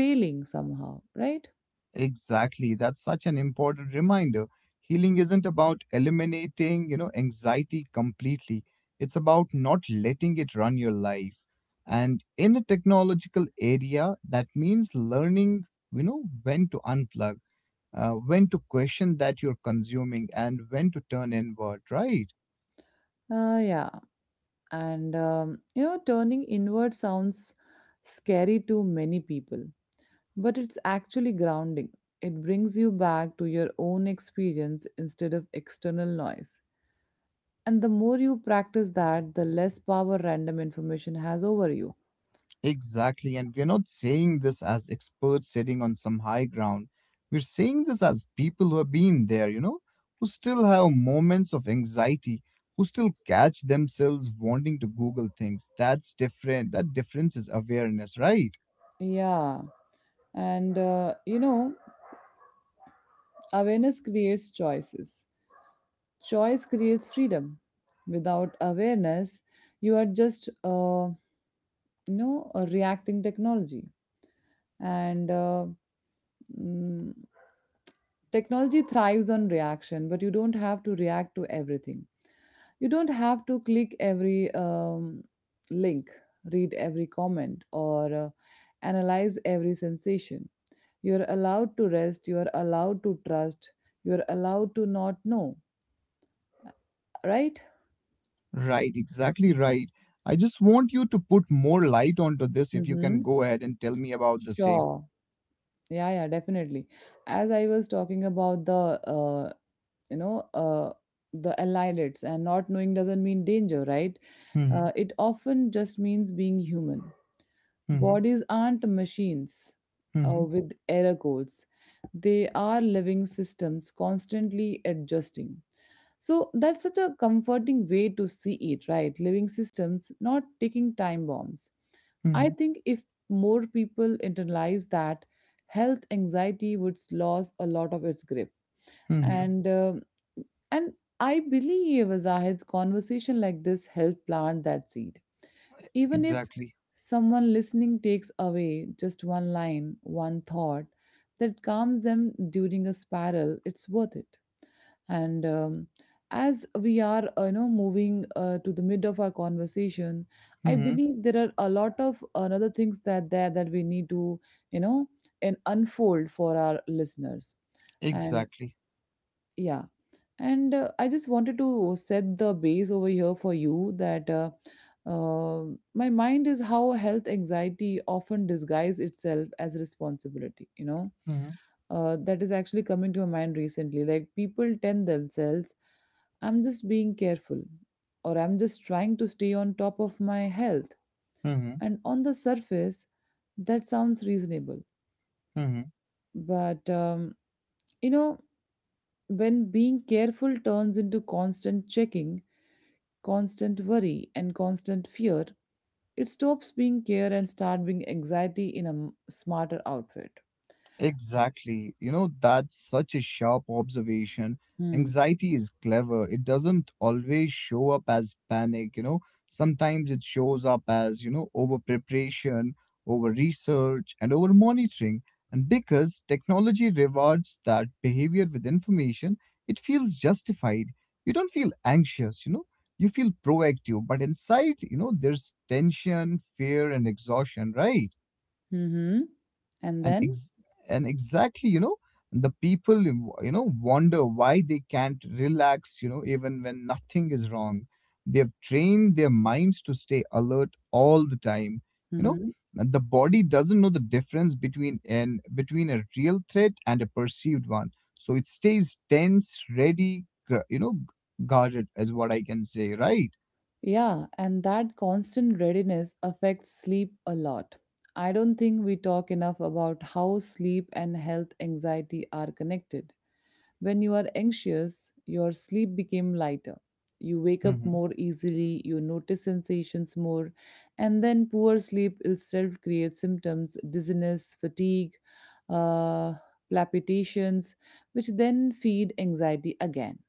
[SPEAKER 1] failing somehow, right?
[SPEAKER 2] Exactly. That's such an important reminder. Healing isn't about eliminating, you know, anxiety completely. It's about not letting it run your life. And in a technological area, that means learning, you know, when to unplug, when to question that you're consuming, and when to turn inward, right?
[SPEAKER 1] Yeah, and you know, turning inward sounds scary to many people, but it's actually grounding. It brings you back to your own experience instead of external noise. And the more you practice that, the less power random information has over you.
[SPEAKER 2] Exactly. And we're not saying this as experts sitting on some high ground. We're saying this as people who have been there, you know, who still have moments of anxiety, who still catch themselves wanting to Google things. That's different. That difference is awareness, right?
[SPEAKER 1] Yeah. And you know, awareness creates choices. Choice creates freedom. Without awareness, you are just you know a reacting technology. And mm, technology thrives on reaction, but you don't have to react to everything. You don't have to click every link, read every comment, or analyze every sensation. You're allowed to rest, you're allowed to trust, you're allowed to not know, right?
[SPEAKER 2] Right. Exactly right. I just want you to put more light onto this if you can
[SPEAKER 1] Mm-hmm.
[SPEAKER 2] go ahead and tell me about the same.
[SPEAKER 1] Sure. Yeah, yeah, definitely. As I was talking about the, you know, uh, the allied and not knowing doesn't mean danger, right?
[SPEAKER 2] Hmm.
[SPEAKER 1] It often just means being human.
[SPEAKER 2] Hmm.
[SPEAKER 1] Bodies aren't machines
[SPEAKER 2] Hmm.
[SPEAKER 1] with error codes, they are living systems constantly adjusting. So that's such a comforting way to see it, right? Living systems, not ticking time bombs. I
[SPEAKER 2] Hmm.
[SPEAKER 1] think if more people internalize that, health anxiety would lose a lot of its grip.
[SPEAKER 2] Hmm.
[SPEAKER 1] And um and I believe Zahid's conversation like this help plant that seed. Even if
[SPEAKER 2] Exactly.
[SPEAKER 1] someone listening takes away just one line, one thought that calms them during a spiral, it's worth it. And as we are, you know, moving to the mid of our conversation, I
[SPEAKER 2] Hmm.
[SPEAKER 1] believe there are a lot of another things that there that we need to, you know, and unfold for our listeners. And
[SPEAKER 2] Exactly.
[SPEAKER 1] yeah, and I just wanted to set the base over here for you that uh, my mind is how health anxiety often disguises itself as responsibility, you know.
[SPEAKER 2] Hmm.
[SPEAKER 1] That is actually coming to my mind recently. Like people tell themselves, I'm just being careful, or I'm just trying to stay on top of my health. And on the surface, that sounds reasonable.
[SPEAKER 2] Hmm.
[SPEAKER 1] But, you know, when being careful turns into constant checking, constant worry and constant fear, it stops being care and start being anxiety in a smarter outfit.
[SPEAKER 2] Exactly. You know, that's such a sharp observation.
[SPEAKER 1] Hmm.
[SPEAKER 2] Anxiety is clever. It doesn't always show up as panic, you know. Sometimes it shows up as, you know, over preparation, over research, and over monitoring. And because technology rewards that behavior with information, it feels justified. You don't feel anxious, you know. You feel proactive, but inside, you know, there's tension, fear, and exhaustion, right?
[SPEAKER 1] Mm-hmm. And
[SPEAKER 2] and
[SPEAKER 1] then,
[SPEAKER 2] ex- and exactly, the people wonder why they can't relax, even when nothing is wrong. They've trained their minds to stay alert all the time. you know
[SPEAKER 1] hmm,
[SPEAKER 2] and the body doesn't know the difference between an between a real threat and a perceived one, so it stays tense, ready, guarded is what I can say, right?
[SPEAKER 1] yeah, and that constant readiness affects sleep a lot. I don't think we talk enough about how sleep and health anxiety are connected. When you are anxious, your sleep became lighter. You wake up
[SPEAKER 2] Hmm.
[SPEAKER 1] more easily, you notice sensations more, and then poor sleep itself creates symptoms, dizziness, fatigue, uh, palpitations, which then feed anxiety again.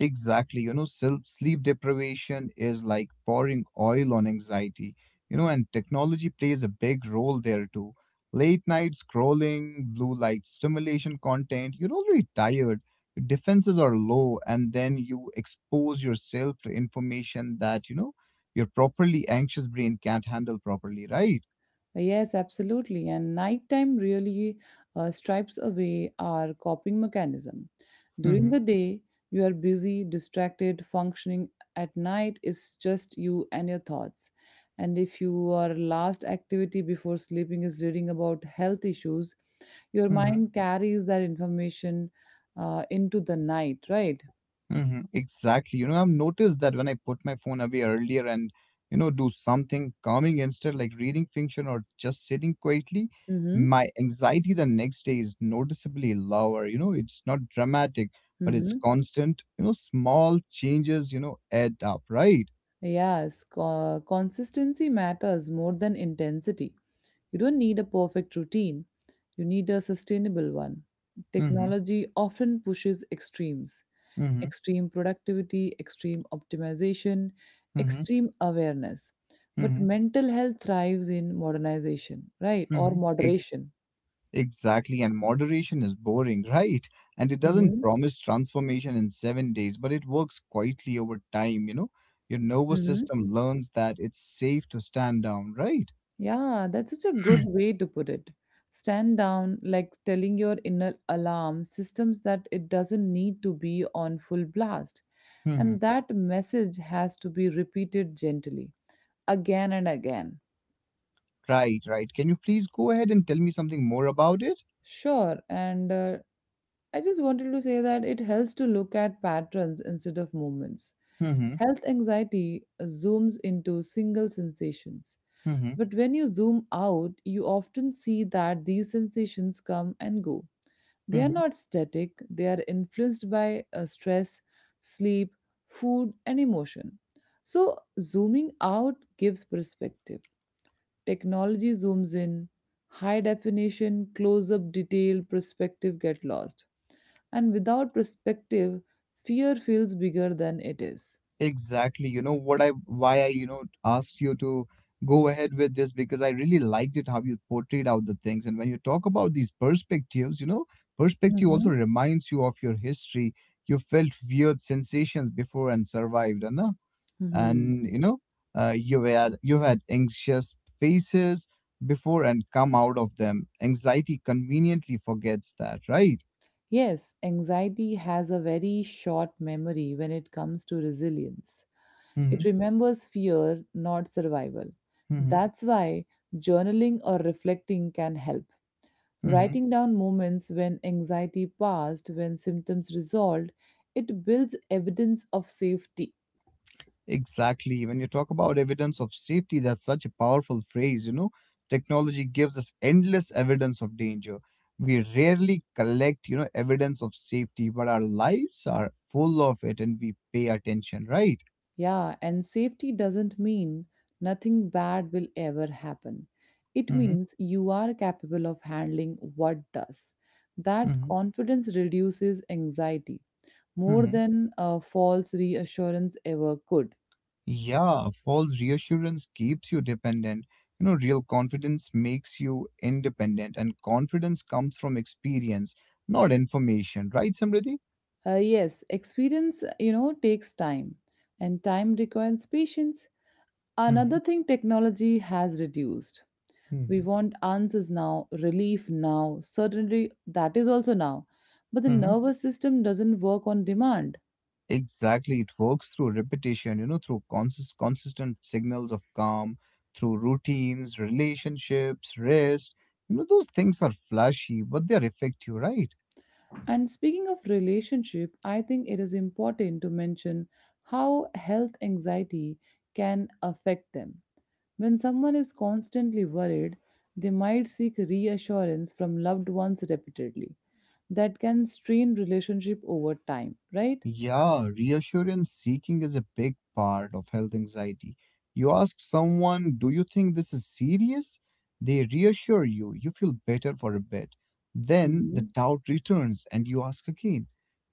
[SPEAKER 2] Exactly. Sleep deprivation is like pouring oil on anxiety. And technology plays a big role there too. Late night scrolling, blue light stimulation content, you're already tired, your defenses are low, and then you expose yourself to information that, your properly anxious brain can't handle properly, right?
[SPEAKER 1] Yes, absolutely. And nighttime really stripes away our coping mechanism. During
[SPEAKER 2] Mm-hmm.
[SPEAKER 1] the day, you are busy, distracted, functioning. At night, it's just you and your thoughts. And if your last activity before sleeping is reading about health issues, your
[SPEAKER 2] Mm-hmm.
[SPEAKER 1] mind carries that information into the night, right?
[SPEAKER 2] Hmm. Exactly. I've noticed that when I put my phone away earlier and, do something calming instead, like reading fiction or just sitting quietly,
[SPEAKER 1] Mm-hmm.
[SPEAKER 2] my anxiety the next day is noticeably lower. It's not dramatic, but it's
[SPEAKER 1] Mm-hmm.
[SPEAKER 2] constant. Small changes, add up, right?
[SPEAKER 1] Yes, consistency matters more than intensity. You don't need a perfect routine, you need a sustainable one.
[SPEAKER 2] Mm-hmm.
[SPEAKER 1] Technology often pushes extremes,
[SPEAKER 2] Mm-hmm.
[SPEAKER 1] extreme productivity, extreme optimization,
[SPEAKER 2] Mm-hmm.
[SPEAKER 1] extreme awareness. But
[SPEAKER 2] Mm-hmm.
[SPEAKER 1] mental health thrives in modernization, right? Or
[SPEAKER 2] Mm-hmm.
[SPEAKER 1] moderation.
[SPEAKER 2] Exactly, and moderation is boring, right? And it doesn't
[SPEAKER 1] Mhm.
[SPEAKER 2] promise transformation in 7 days, but it works quietly over time, you know? Your nervous
[SPEAKER 1] Mhm.
[SPEAKER 2] system learns that it's safe to stand down, right?
[SPEAKER 1] Yeah, that's such a good way to put it. Stand down, like telling your inner alarm systems that it doesn't need to be on full blast.
[SPEAKER 2] Hmm.
[SPEAKER 1] And that message has to be repeated gently, again and again.
[SPEAKER 2] Right, right. Can you please go ahead and tell me something more about it?
[SPEAKER 1] Sure, and I just wanted to say that it helps to look at patterns instead of moments.
[SPEAKER 2] Hmm. Hmm.
[SPEAKER 1] Health anxiety zooms into single sensations,
[SPEAKER 2] Hmm. Hmm.
[SPEAKER 1] but when you zoom out, you often see that these sensations come and go. They
[SPEAKER 2] Hmm,
[SPEAKER 1] are
[SPEAKER 2] hmm.
[SPEAKER 1] not static, they are influenced by stress, sleep, food, and emotion. So, zooming out gives perspective. Technology zooms in, high definition, close up detail, perspective get lost. And without perspective, fear feels bigger than it is.
[SPEAKER 2] Exactly. You know what, I why I, you know, asked you to go ahead with this, because I really liked it how you portrayed out the things. And when you talk about these perspectives, perspective also
[SPEAKER 1] Mhm.
[SPEAKER 2] reminds you of your history. You felt weird sensations before and survived,
[SPEAKER 1] Mhm.
[SPEAKER 2] and you had anxious faces before and come out of them. Anxiety conveniently forgets that, right?
[SPEAKER 1] Yes, anxiety has a very short memory when it comes to resilience.
[SPEAKER 2] Mm-hmm.
[SPEAKER 1] It remembers fear, not survival.
[SPEAKER 2] Mm-hmm.
[SPEAKER 1] That's why journaling or reflecting can help.
[SPEAKER 2] Mm-hmm.
[SPEAKER 1] Writing down moments when anxiety passed, when symptoms resolved, it builds evidence of safety.
[SPEAKER 2] Exactly. When you talk about evidence of safety, that's such a powerful phrase. Technology gives us endless evidence of danger. We rarely collect, evidence of safety, but our lives are full of it and we pay attention, right?
[SPEAKER 1] Yeah, and safety doesn't mean nothing bad will ever happen. It
[SPEAKER 2] Hmm.
[SPEAKER 1] means you are capable of handling what does. That
[SPEAKER 2] Hmm.
[SPEAKER 1] confidence reduces anxiety more
[SPEAKER 2] Hmm.
[SPEAKER 1] than a false reassurance ever could.
[SPEAKER 2] Yeah, false reassurance keeps you dependent. Real confidence makes you independent, and confidence comes from experience, not information, right, Samriddhi?
[SPEAKER 1] Yes, experience, you know, takes time, and time requires patience. Another
[SPEAKER 2] Hmm.
[SPEAKER 1] thing technology has reduced. We
[SPEAKER 2] Hmm.
[SPEAKER 1] want answers now, relief now, certainty that is also now. But the
[SPEAKER 2] Hmm.
[SPEAKER 1] nervous system doesn't work on demand.
[SPEAKER 2] Exactly. It works through repetition, through consistent signals of calm, through routines, relationships, rest. Those things are flashy, but they're effective, right?
[SPEAKER 1] And speaking of relationship, I think it is important to mention how health anxiety can affect them. When someone is constantly worried, they might seek reassurance from loved ones repeatedly. That can strain relationship over time, right?
[SPEAKER 2] Yeah, reassurance seeking is a big part of health anxiety. You ask someone, "Do you think this is serious?" They reassure you, you feel better for a bit. Then the
[SPEAKER 1] Mhm.
[SPEAKER 2] doubt returns and you ask again.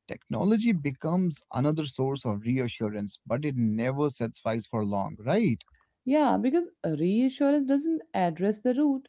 [SPEAKER 2] Technology becomes another source of reassurance, but it never satisfies for long, right?
[SPEAKER 1] Yeah, because reassurance doesn't address the root,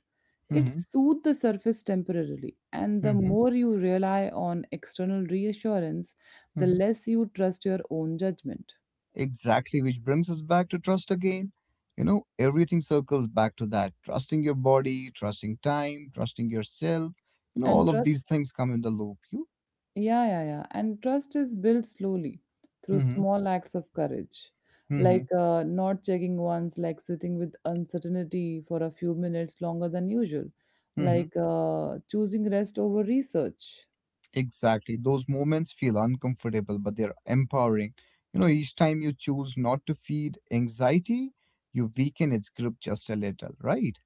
[SPEAKER 1] it
[SPEAKER 2] Hmm.
[SPEAKER 1] soothes the surface temporarily. And the
[SPEAKER 2] Hmm.
[SPEAKER 1] more you rely on external reassurance, the
[SPEAKER 2] Hmm.
[SPEAKER 1] less you trust your own judgment.
[SPEAKER 2] Exactly, which brings us back to trust again. Everything circles back to that: trusting your body, trusting time, trusting yourself. All
[SPEAKER 1] And
[SPEAKER 2] of
[SPEAKER 1] trust
[SPEAKER 2] these things come in the loop. You,
[SPEAKER 1] yeah, yeah, yeah. And trust is built slowly through
[SPEAKER 2] mm-hmm,
[SPEAKER 1] small acts of courage,
[SPEAKER 2] mm-hmm,
[SPEAKER 1] like not checking once, like sitting with uncertainty for a few minutes longer than usual,
[SPEAKER 2] mm-hmm.
[SPEAKER 1] like choosing rest over research.
[SPEAKER 2] Exactly. Those moments feel uncomfortable, but they're empowering. Each time you choose not to feed anxiety, you weaken its grip just a little, right?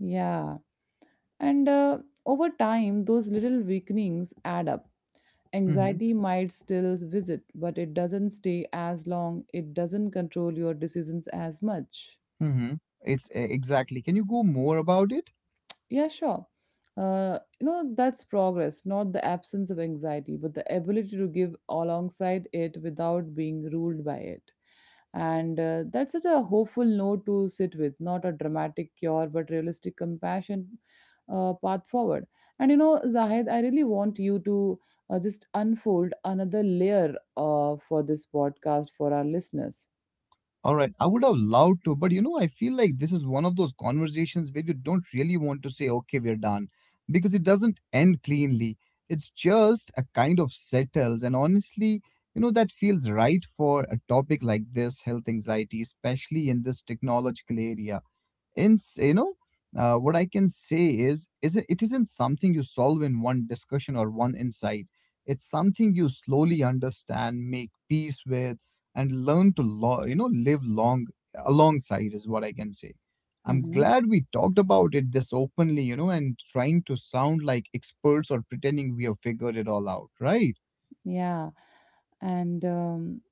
[SPEAKER 1] Yeah. And Over time, those little weakenings add up.
[SPEAKER 2] Mm-hmm,
[SPEAKER 1] Anxiety might still visit, but it doesn't stay as long, it doesn't control your decisions as much.
[SPEAKER 2] mm-hmm. It's exactly. Can you go more about it?
[SPEAKER 1] Yeah, sure. You know, that's progress, not the absence of anxiety, but the ability to give alongside it without being ruled by it. And that's such a hopeful note to sit with, not a dramatic cure, but realistic compassion path forward. And you know, Zahid, I really want you to just unfold another layer for this podcast for our listeners.
[SPEAKER 2] All right, I would have loved to, but I feel like this is one of those conversations where you don't really want to say, "Okay, we're done," because it doesn't end cleanly. It's just a kind of settles. And honestly, that feels right for a topic like this, health anxiety, especially in this technological area. In you know What I can say is it isn't something you solve in one discussion or one insight. It's something you slowly understand, make peace with, and learn to live long alongside is what I can say. I'm
[SPEAKER 1] Hmm.
[SPEAKER 2] glad we talked about it this openly, and trying to sound like experts or pretending we have figured it all out, right?
[SPEAKER 1] Yeah. And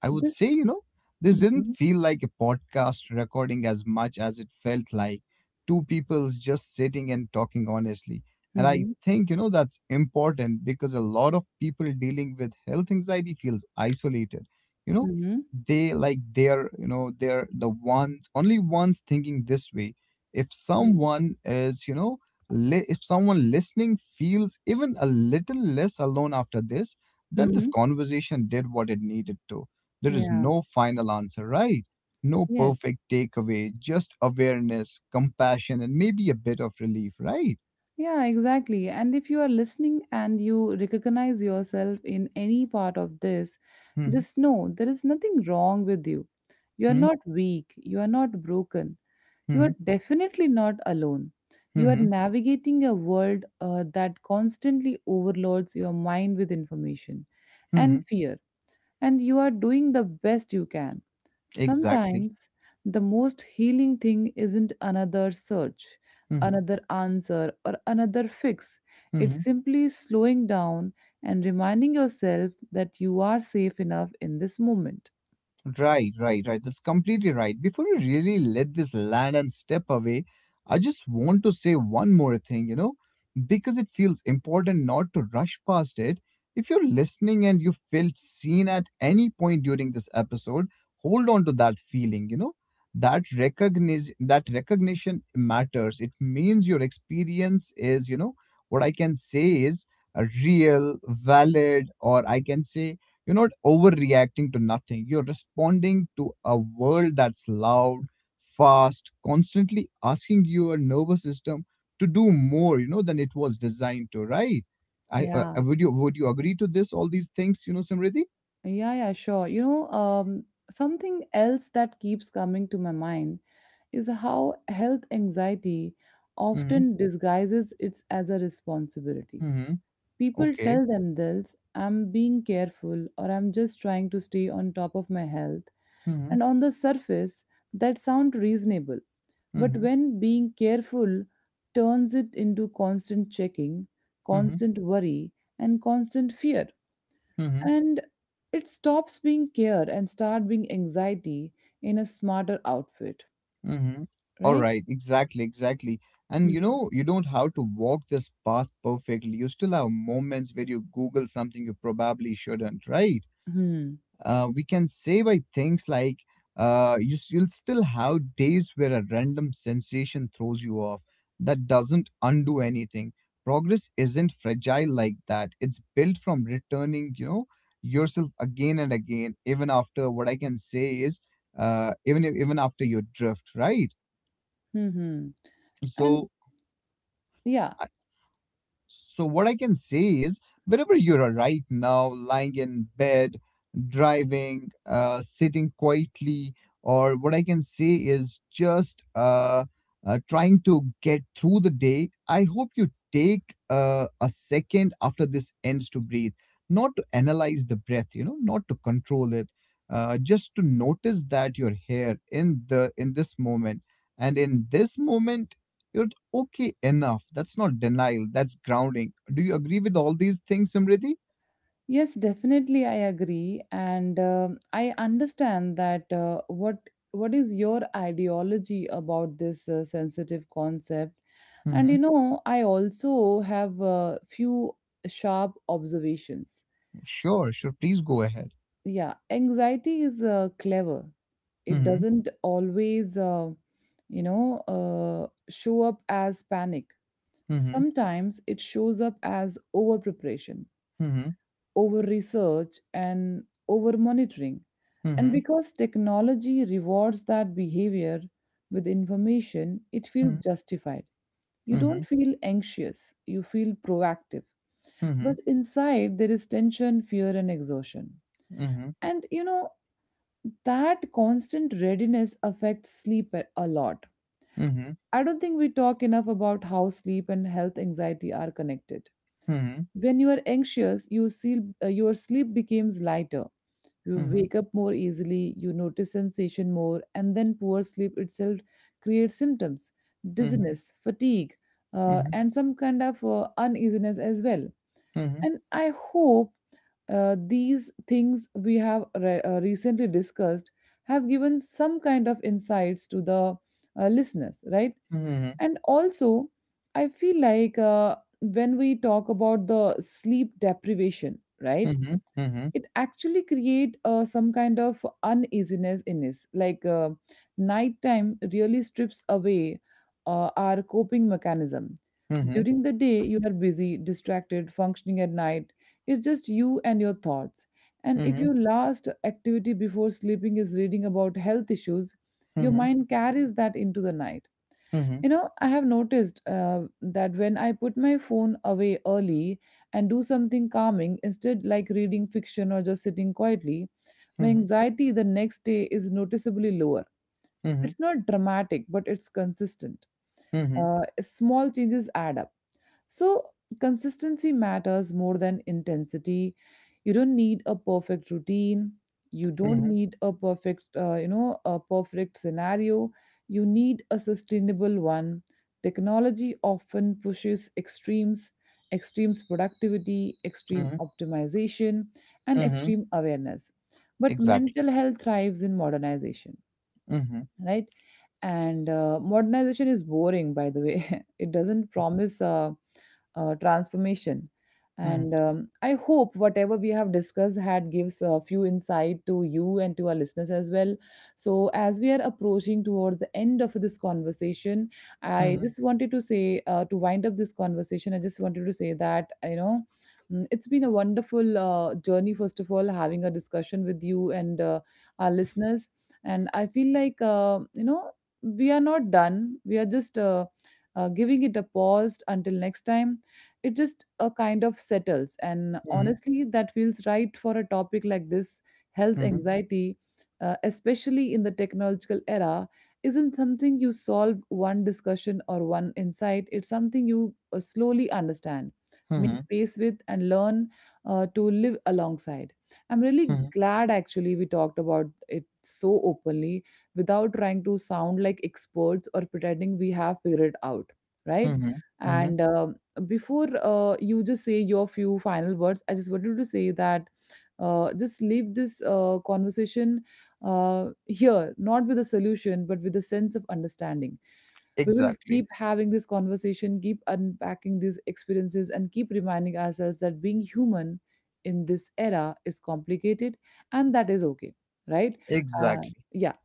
[SPEAKER 2] I would
[SPEAKER 1] this.
[SPEAKER 2] say, this didn't
[SPEAKER 1] Hmm.
[SPEAKER 2] feel like a podcast recording as much as it felt like two people's just sitting and talking honestly. And I think, that's important because a lot of people dealing with health anxiety feels isolated. You know,
[SPEAKER 1] Hmm.
[SPEAKER 2] they like they're the ones, only ones thinking this way. If
[SPEAKER 1] Hmm.
[SPEAKER 2] someone is, if someone listening feels even a little less alone after this, then this
[SPEAKER 1] Mm-hmm.
[SPEAKER 2] conversation did what it needed to. There is
[SPEAKER 1] Yeah.
[SPEAKER 2] no final answer, right? No
[SPEAKER 1] Yes.
[SPEAKER 2] perfect takeaway, just awareness, compassion, and maybe a bit of relief, right?
[SPEAKER 1] Yeah, exactly. And if you are listening and you recognize yourself in any part of this,
[SPEAKER 2] Mm-hmm,
[SPEAKER 1] just know there is nothing wrong with you. You are not weak. You are not broken. You
[SPEAKER 2] mm-hmm,
[SPEAKER 1] are definitely not alone. You are
[SPEAKER 2] mm-hmm,
[SPEAKER 1] navigating a world that constantly overloads your mind with information
[SPEAKER 2] mm-hmm.
[SPEAKER 1] and fear, and you are doing the best you can.
[SPEAKER 2] Exactly.
[SPEAKER 1] Sometimes the most healing thing isn't another search,
[SPEAKER 2] Mm-hmm,
[SPEAKER 1] another answer, or another fix.
[SPEAKER 2] mm-hmm.
[SPEAKER 1] It's simply slowing down and reminding yourself that you are safe enough in this moment.
[SPEAKER 2] Right, right, right. That's completely right. Before we really let this land and step away, I just want to say one more thing, because it feels important not to rush past it. If you're listening and you felt seen at any point during this episode, hold on to that feeling, That recognition matters. It means your experience is, what I can say is real, valid, or I can say you're not overreacting to nothing. You're responding to a world that's loud, fast, constantly asking your nervous system to do more, than it was designed to, right? I
[SPEAKER 1] Yeah,
[SPEAKER 2] would you agree to this? All these things, Simriti.
[SPEAKER 1] yeah, yeah, sure. You know, something else that keeps coming to my mind is how health anxiety
[SPEAKER 2] Mm-hmm.
[SPEAKER 1] often disguises it as a responsibility.
[SPEAKER 2] Mm-hmm.
[SPEAKER 1] People
[SPEAKER 2] Okay.
[SPEAKER 1] tell themselves, I'm being careful or I'm just trying to stay on top of my health.
[SPEAKER 2] Mm-hmm.
[SPEAKER 1] And on the surface, that sounds reasonable. But
[SPEAKER 2] Mm-hmm.
[SPEAKER 1] when being careful turns it into constant checking,
[SPEAKER 2] Mm-hmm.
[SPEAKER 1] constant worry, and constant fear.
[SPEAKER 2] Mm-hmm.
[SPEAKER 1] And it stops being care and start being anxiety in a smarter outfit,
[SPEAKER 2] Mm-hmm. All
[SPEAKER 1] right?
[SPEAKER 2] right. Exactly. Exactly. And
[SPEAKER 1] Hmm.
[SPEAKER 2] you don't have to walk this path perfectly. You still have moments where you Google something you probably shouldn't, right?
[SPEAKER 1] Hmm.
[SPEAKER 2] We can say by things like you'll still have days where a random sensation throws you off. That doesn't undo anything. Progress isn't fragile like that. It's built from returning, yourself again and again, even after what I can say is, even if- even after your drift, right?
[SPEAKER 1] Hmm. And
[SPEAKER 2] So,
[SPEAKER 1] yeah,
[SPEAKER 2] so, what I can say is, wherever you are right now, lying in bed, driving, sitting quietly, or what I can say is just trying to get through the day, I hope you take a second after this ends to breathe, not to analyze the breath, not to control it. Just to notice that you're here in the in this moment, and in this moment you're like, okay enough. That's not denial, that's grounding. Do you agree with all these things, Simriti?
[SPEAKER 1] yes, definitely, I agree, and I understand that what is your ideology about this sensitive concept. And
[SPEAKER 2] Mm-hmm.
[SPEAKER 1] you know, I also have a few sharp observations.
[SPEAKER 2] Sure, sure. Please go ahead.
[SPEAKER 1] Yeah, anxiety is clever. It
[SPEAKER 2] Mm-hmm.
[SPEAKER 1] doesn't always show up as panic.
[SPEAKER 2] Mm-hmm.
[SPEAKER 1] Sometimes it shows up as over preparation,
[SPEAKER 2] Mm-hmm.
[SPEAKER 1] over research, and over monitoring. And
[SPEAKER 2] Mm-hmm.
[SPEAKER 1] because technology rewards that behavior with information, it feels justified. You
[SPEAKER 2] Mm-hmm.
[SPEAKER 1] don't feel anxious, you feel proactive.
[SPEAKER 2] Mm-hmm.
[SPEAKER 1] But inside, there is tension, fear, and exhaustion.
[SPEAKER 2] Mm-hmm.
[SPEAKER 1] And you know, that constant readiness affects sleep a lot.
[SPEAKER 2] Mm-hmm.
[SPEAKER 1] I don't think we talk enough about how sleep and health anxiety are connected.
[SPEAKER 2] Mm-hmm.
[SPEAKER 1] When you are anxious, you see, your sleep becomes lighter. You
[SPEAKER 2] Mm-hmm.
[SPEAKER 1] wake up more easily, you notice sensation more, and then poor sleep itself creates symptoms,
[SPEAKER 2] Mm-hmm.
[SPEAKER 1] dizziness, fatigue,
[SPEAKER 2] Mm-hmm.
[SPEAKER 1] and some kind of uneasiness as well.
[SPEAKER 2] Mm-hmm.
[SPEAKER 1] And I hope these things we have recently discussed have given some kind of insights to the listeners, right?
[SPEAKER 2] Mm-hmm.
[SPEAKER 1] And also, I feel like when we talk about the sleep deprivation, right?
[SPEAKER 2] Mm-hmm. Mm-hmm.
[SPEAKER 1] It actually create some kind of uneasiness in us, nighttime really strips away our coping mechanism.
[SPEAKER 2] Mm-hmm.
[SPEAKER 1] During the day you are busy, distracted, functioning. At night, it's just you and your thoughts. And if
[SPEAKER 2] Mm-hmm.
[SPEAKER 1] your last activity before sleeping is reading about health issues, your mind carries that into the night.
[SPEAKER 2] Mhm, mhm, mhm,
[SPEAKER 1] You know, I have noticed that when I put my phone away early and do something calming instead, like reading fiction or just sitting quietly, my
[SPEAKER 2] mhm,
[SPEAKER 1] anxiety the next day is noticeably lower. It's not dramatic, but it's consistent.
[SPEAKER 2] mhm,
[SPEAKER 1] Small changes add up. So, consistency matters more than intensity. You don't need a perfect routine. You don't
[SPEAKER 2] mhm,
[SPEAKER 1] need a a perfect scenario. You need a sustainable one. Technology often pushes extremes, extremes productivity, extreme
[SPEAKER 2] mhm,
[SPEAKER 1] optimization, and
[SPEAKER 2] mhm.
[SPEAKER 1] extreme awareness. But
[SPEAKER 2] Exactly.
[SPEAKER 1] mental health thrives in modernization,
[SPEAKER 2] Mhm,
[SPEAKER 1] right. And modernization is boring, by the way. It doesn't promise transformation.
[SPEAKER 2] mhm,
[SPEAKER 1] And I hope whatever we have discussed had gives a few insight to you and to our listeners as well. So as we are approaching towards the end of this conversation, I
[SPEAKER 2] mhm,
[SPEAKER 1] just wanted to say, to wind up this conversation, I just wanted to say that you know, it's been a wonderful journey, first of all, having a discussion with you and our listeners. And I feel like, you know, we are not done, we are just giving it a pause until next time. It just a kind of settles, and
[SPEAKER 2] mhm,
[SPEAKER 1] honestly that feels right for a topic like this, health
[SPEAKER 2] mhm,
[SPEAKER 1] anxiety, especially in the technological era. Isn't something you solve one discussion or one insight, it's something you slowly understand, make
[SPEAKER 2] mhm,
[SPEAKER 1] pace with and learn to live alongside. I'm really
[SPEAKER 2] mhm,
[SPEAKER 1] glad actually we talked about it so openly without trying to sound like experts or pretending we have figured out, right?
[SPEAKER 2] mhm, mhm.
[SPEAKER 1] And before you just say your few final words, I just wanted to say that, just leave this conversation here, not with a solution, but with a sense of understanding. We will
[SPEAKER 2] Exactly.
[SPEAKER 1] keep having this conversation, keep unpacking these experiences, and keep reminding ourselves that being human in this era is complicated, and that is okay, right? Uh,
[SPEAKER 2] Exactly.
[SPEAKER 1] yeah.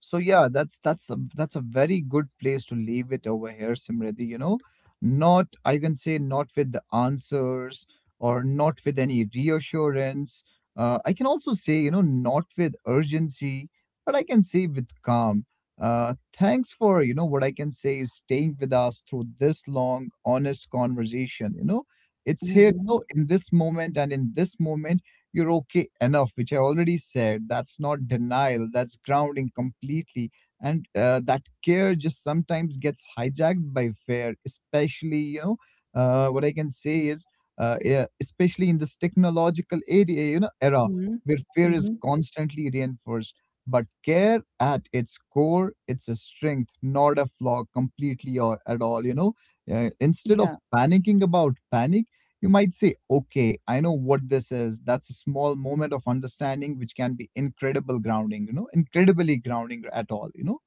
[SPEAKER 2] So yeah, that's a very good place to leave it over here, Simriti. Not, I can say, not with the answers or not with any reassurance. I can also say, not with urgency, but I can say with calm. Thanks for what I can say is staying with us through this long, honest conversation. It's here,
[SPEAKER 1] Hmm.
[SPEAKER 2] in this moment and in this moment you're okay enough, which I already said. That's not denial, that's grounding completely. And that care just sometimes gets hijacked by fear, especially, what I can say is, yeah, especially in this technological area, era
[SPEAKER 1] Hmm.
[SPEAKER 2] where fear is
[SPEAKER 1] Hmm.
[SPEAKER 2] constantly reinforced. But care at its core, it's a strength, not a flaw completely or at all, instead of
[SPEAKER 1] Yeah.
[SPEAKER 2] panicking about panic you might say, "Okay, I know what this is." That's a small moment of understanding, which can be incredible grounding, incredibly grounding at all,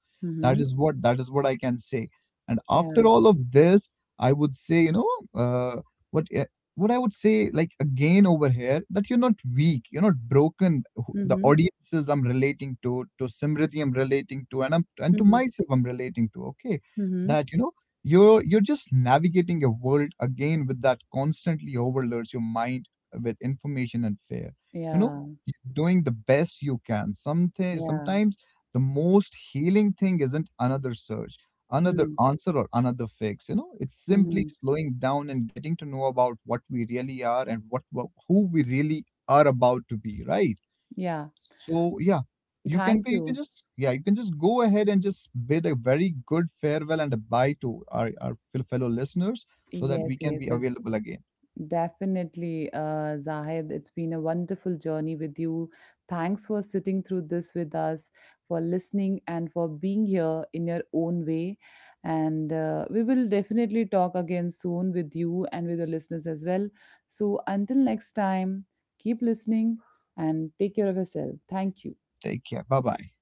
[SPEAKER 2] That
[SPEAKER 1] Hmm.
[SPEAKER 2] is what that is what I can say. And
[SPEAKER 1] Yeah.
[SPEAKER 2] after all of this, I would say, what uh, what I would say, like, again over here, that you're not weak, you're not broken. The
[SPEAKER 1] Hmm.
[SPEAKER 2] audiences I'm relating to Simriti I'm relating to, and I'm and to
[SPEAKER 1] Hmm.
[SPEAKER 2] myself I'm relating to. Okay,
[SPEAKER 1] Hmm.
[SPEAKER 2] that you're just navigating a world again with that constantly overloads your mind with information and fear. You know,
[SPEAKER 1] Yeah.
[SPEAKER 2] you're doing the best you can. Something
[SPEAKER 1] Yeah.
[SPEAKER 2] sometimes the most healing thing isn't another search, another
[SPEAKER 1] Hmm.
[SPEAKER 2] answer or another fix. It's simply
[SPEAKER 1] Hmm.
[SPEAKER 2] slowing down and getting to know about what we really are and what who we really are about to be, right?
[SPEAKER 1] Yeah.
[SPEAKER 2] So yeah, you can
[SPEAKER 1] Thank
[SPEAKER 2] you can
[SPEAKER 1] you.
[SPEAKER 2] just, yeah, you can just go ahead and just bid a very good farewell and a bye to our fellow listeners so that
[SPEAKER 1] Yes.
[SPEAKER 2] we can
[SPEAKER 1] Yes.
[SPEAKER 2] be
[SPEAKER 1] That's
[SPEAKER 2] available again.
[SPEAKER 1] Definitely, Zahid, it's been a wonderful journey with you. Thanks for sitting through this with us, for listening, and for being here in your own way. And we will definitely talk again soon with you and with the listeners as well. So until next time, keep listening and take care of yourself. Thank you.
[SPEAKER 2] Take care. Bye bye.